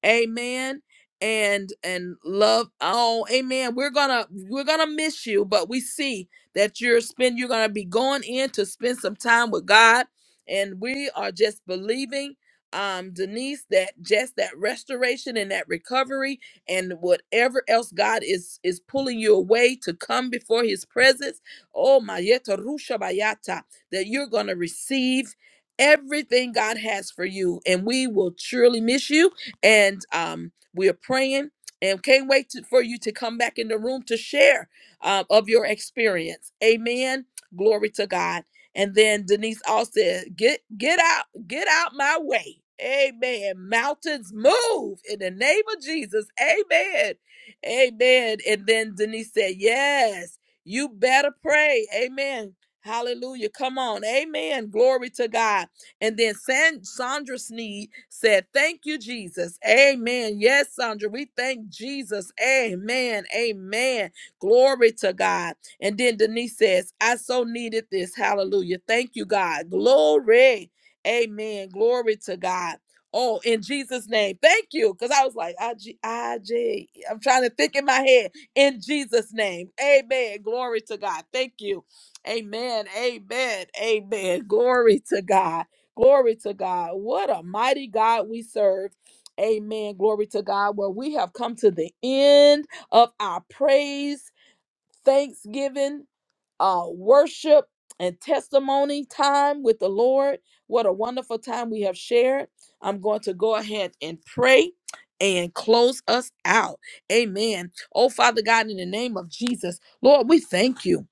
[SPEAKER 1] Amen. And and love. Oh, amen. We're gonna we're gonna miss you, but we see that you're spend you're gonna be going in to spend some time with God. And we are just believing, um, Denise, that just that restoration and that recovery and whatever else God is is pulling you away to come before his presence Oh, Mayeta Rusha Bayata, that you're going to receive everything God has for you. And we will surely miss you. And um, we are praying and can't wait to, for you to come back in the room to share uh, of your experience. Amen. Glory to God. And then Denise also said, get get out, get out my way. Amen. Mountains move in the name of Jesus. Amen. Amen. And then Denise said, Yes. You better pray. Amen. Hallelujah. Come on. Amen. Glory to God. And then San- Sandra Sneed said, Thank you, Jesus. Amen. Yes, Sandra, we thank Jesus. Amen. Amen. Glory to God. And then Denise says, I so needed this. Hallelujah. Thank you, God. Glory. Amen. Glory to God. Oh, in Jesus' name. Thank you. Because I was like, I G I G. I'm trying to think in my head in Jesus' name. Amen. Glory to God. Thank you. Amen. Amen. Amen. Glory to God. Glory to God. What a mighty God we serve. Amen. Glory to God. Well, we have come to the end of our praise, thanksgiving uh, worship and testimony time with the Lord. What a wonderful time we have shared. I'm going to go ahead and pray and close us out. Amen. Oh, Father God, in the name of Jesus, Lord, we thank you.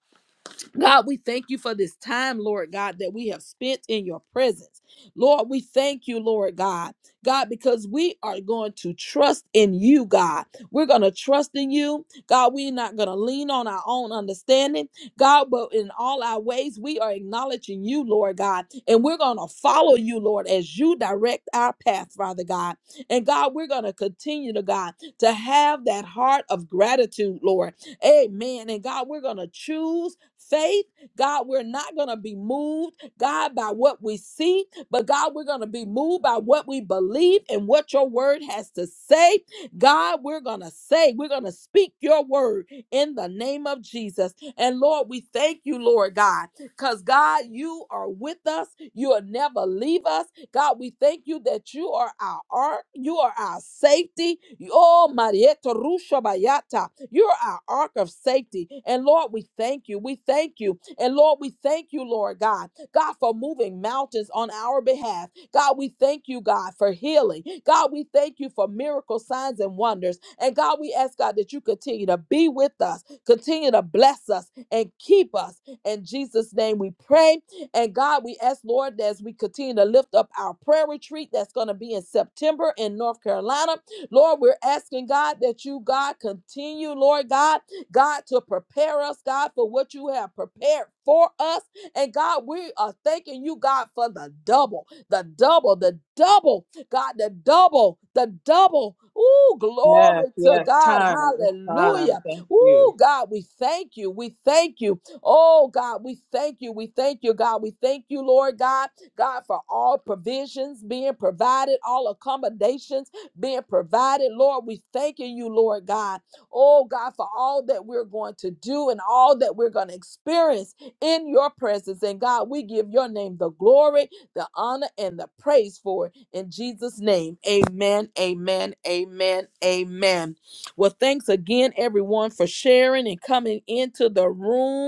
[SPEAKER 1] God, we thank you for this time, Lord God, that we have spent in your presence. Lord, we thank you, Lord God. God, because we are going to trust in you, God. We're going to trust in you. God, we're not going to lean on our own understanding. God, but in all our ways, we are acknowledging you, Lord God. And we're going to follow you, Lord, as you direct our path, Father God. And God, we're going to continue to, God, to have that heart of gratitude, Lord Amen. And God, we're going to choose faith. God, we're not going to be moved, God, by what we see, but God, we're going to be moved by what we believe and what your word has to say. God, we're going to say, we're going to speak your word in the name of Jesus. And Lord, we thank you, Lord God, because God, you are with us. You'll never leave us. God, we thank you that you are our ark, you are our safety. Oh, Marieta Rusha Bayata, you're our ark of safety. And Lord, we thank you. We thank you. And Lord, we thank you, Lord God, God, for moving mountains on our behalf. God, we thank you, God, for healing. God, we thank you for miracle signs and wonders. And God, we ask God that you continue to be with us, continue to bless us and keep us. In Jesus' name we pray. And God, we ask, Lord, as we continue to lift up our prayer retreat that's going to be in September in North Carolina, Lord, we're asking, God, that you, God, continue, Lord God, God, to prepare us, God, for what you have prepared for us. And God, we are thanking you, God, for the double, the double, the double, God, the double, the double. Ooh,
[SPEAKER 5] Yes,
[SPEAKER 1] glory to
[SPEAKER 5] yes,
[SPEAKER 1] God.
[SPEAKER 5] time. It's time.
[SPEAKER 1] Hallelujah.
[SPEAKER 5] Thank you.
[SPEAKER 1] Ooh, God, we thank you. We thank you. Oh God, we thank you. We thank you, God. We thank you, Lord God, God, for all provisions being provided, all accommodations being provided. Lord, we thanking you, Lord God. Oh God, for all that we're going to do and all that we're going to experience in your presence. And God, we give your name the glory, the honor, and the praise for it. In Jesus' name, amen, amen, amen, amen. Well, thanks again, everyone, for sharing and coming into the room.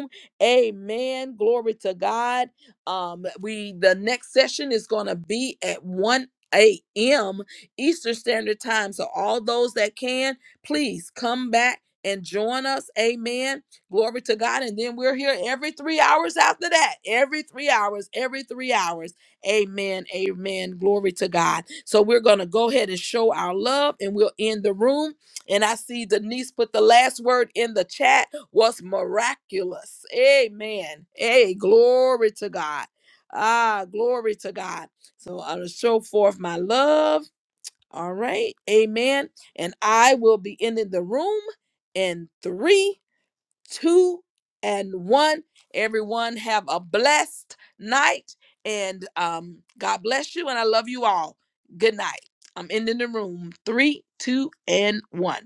[SPEAKER 1] Amen. Glory to God. Um, we the next session is gonna be at 1 a.m. Eastern Standard Time. So all those that can, please come back and join us. Amen. Glory to God. And then we're here every three hours after that. Every three hours, every three hours. Amen. Amen. Glory to God. So we're gonna go ahead and show our love and we'll end the room. And I see Denise put the last word in the chat was miraculous. Amen. Hey, glory to God. Ah, glory to God. So I'll show forth my love. All right. Amen. And I will be ending the room in three, two, and one. Everyone have a blessed night. And um, God bless you. And I love you all. Good night. I'm ending the room. Three, two, and one.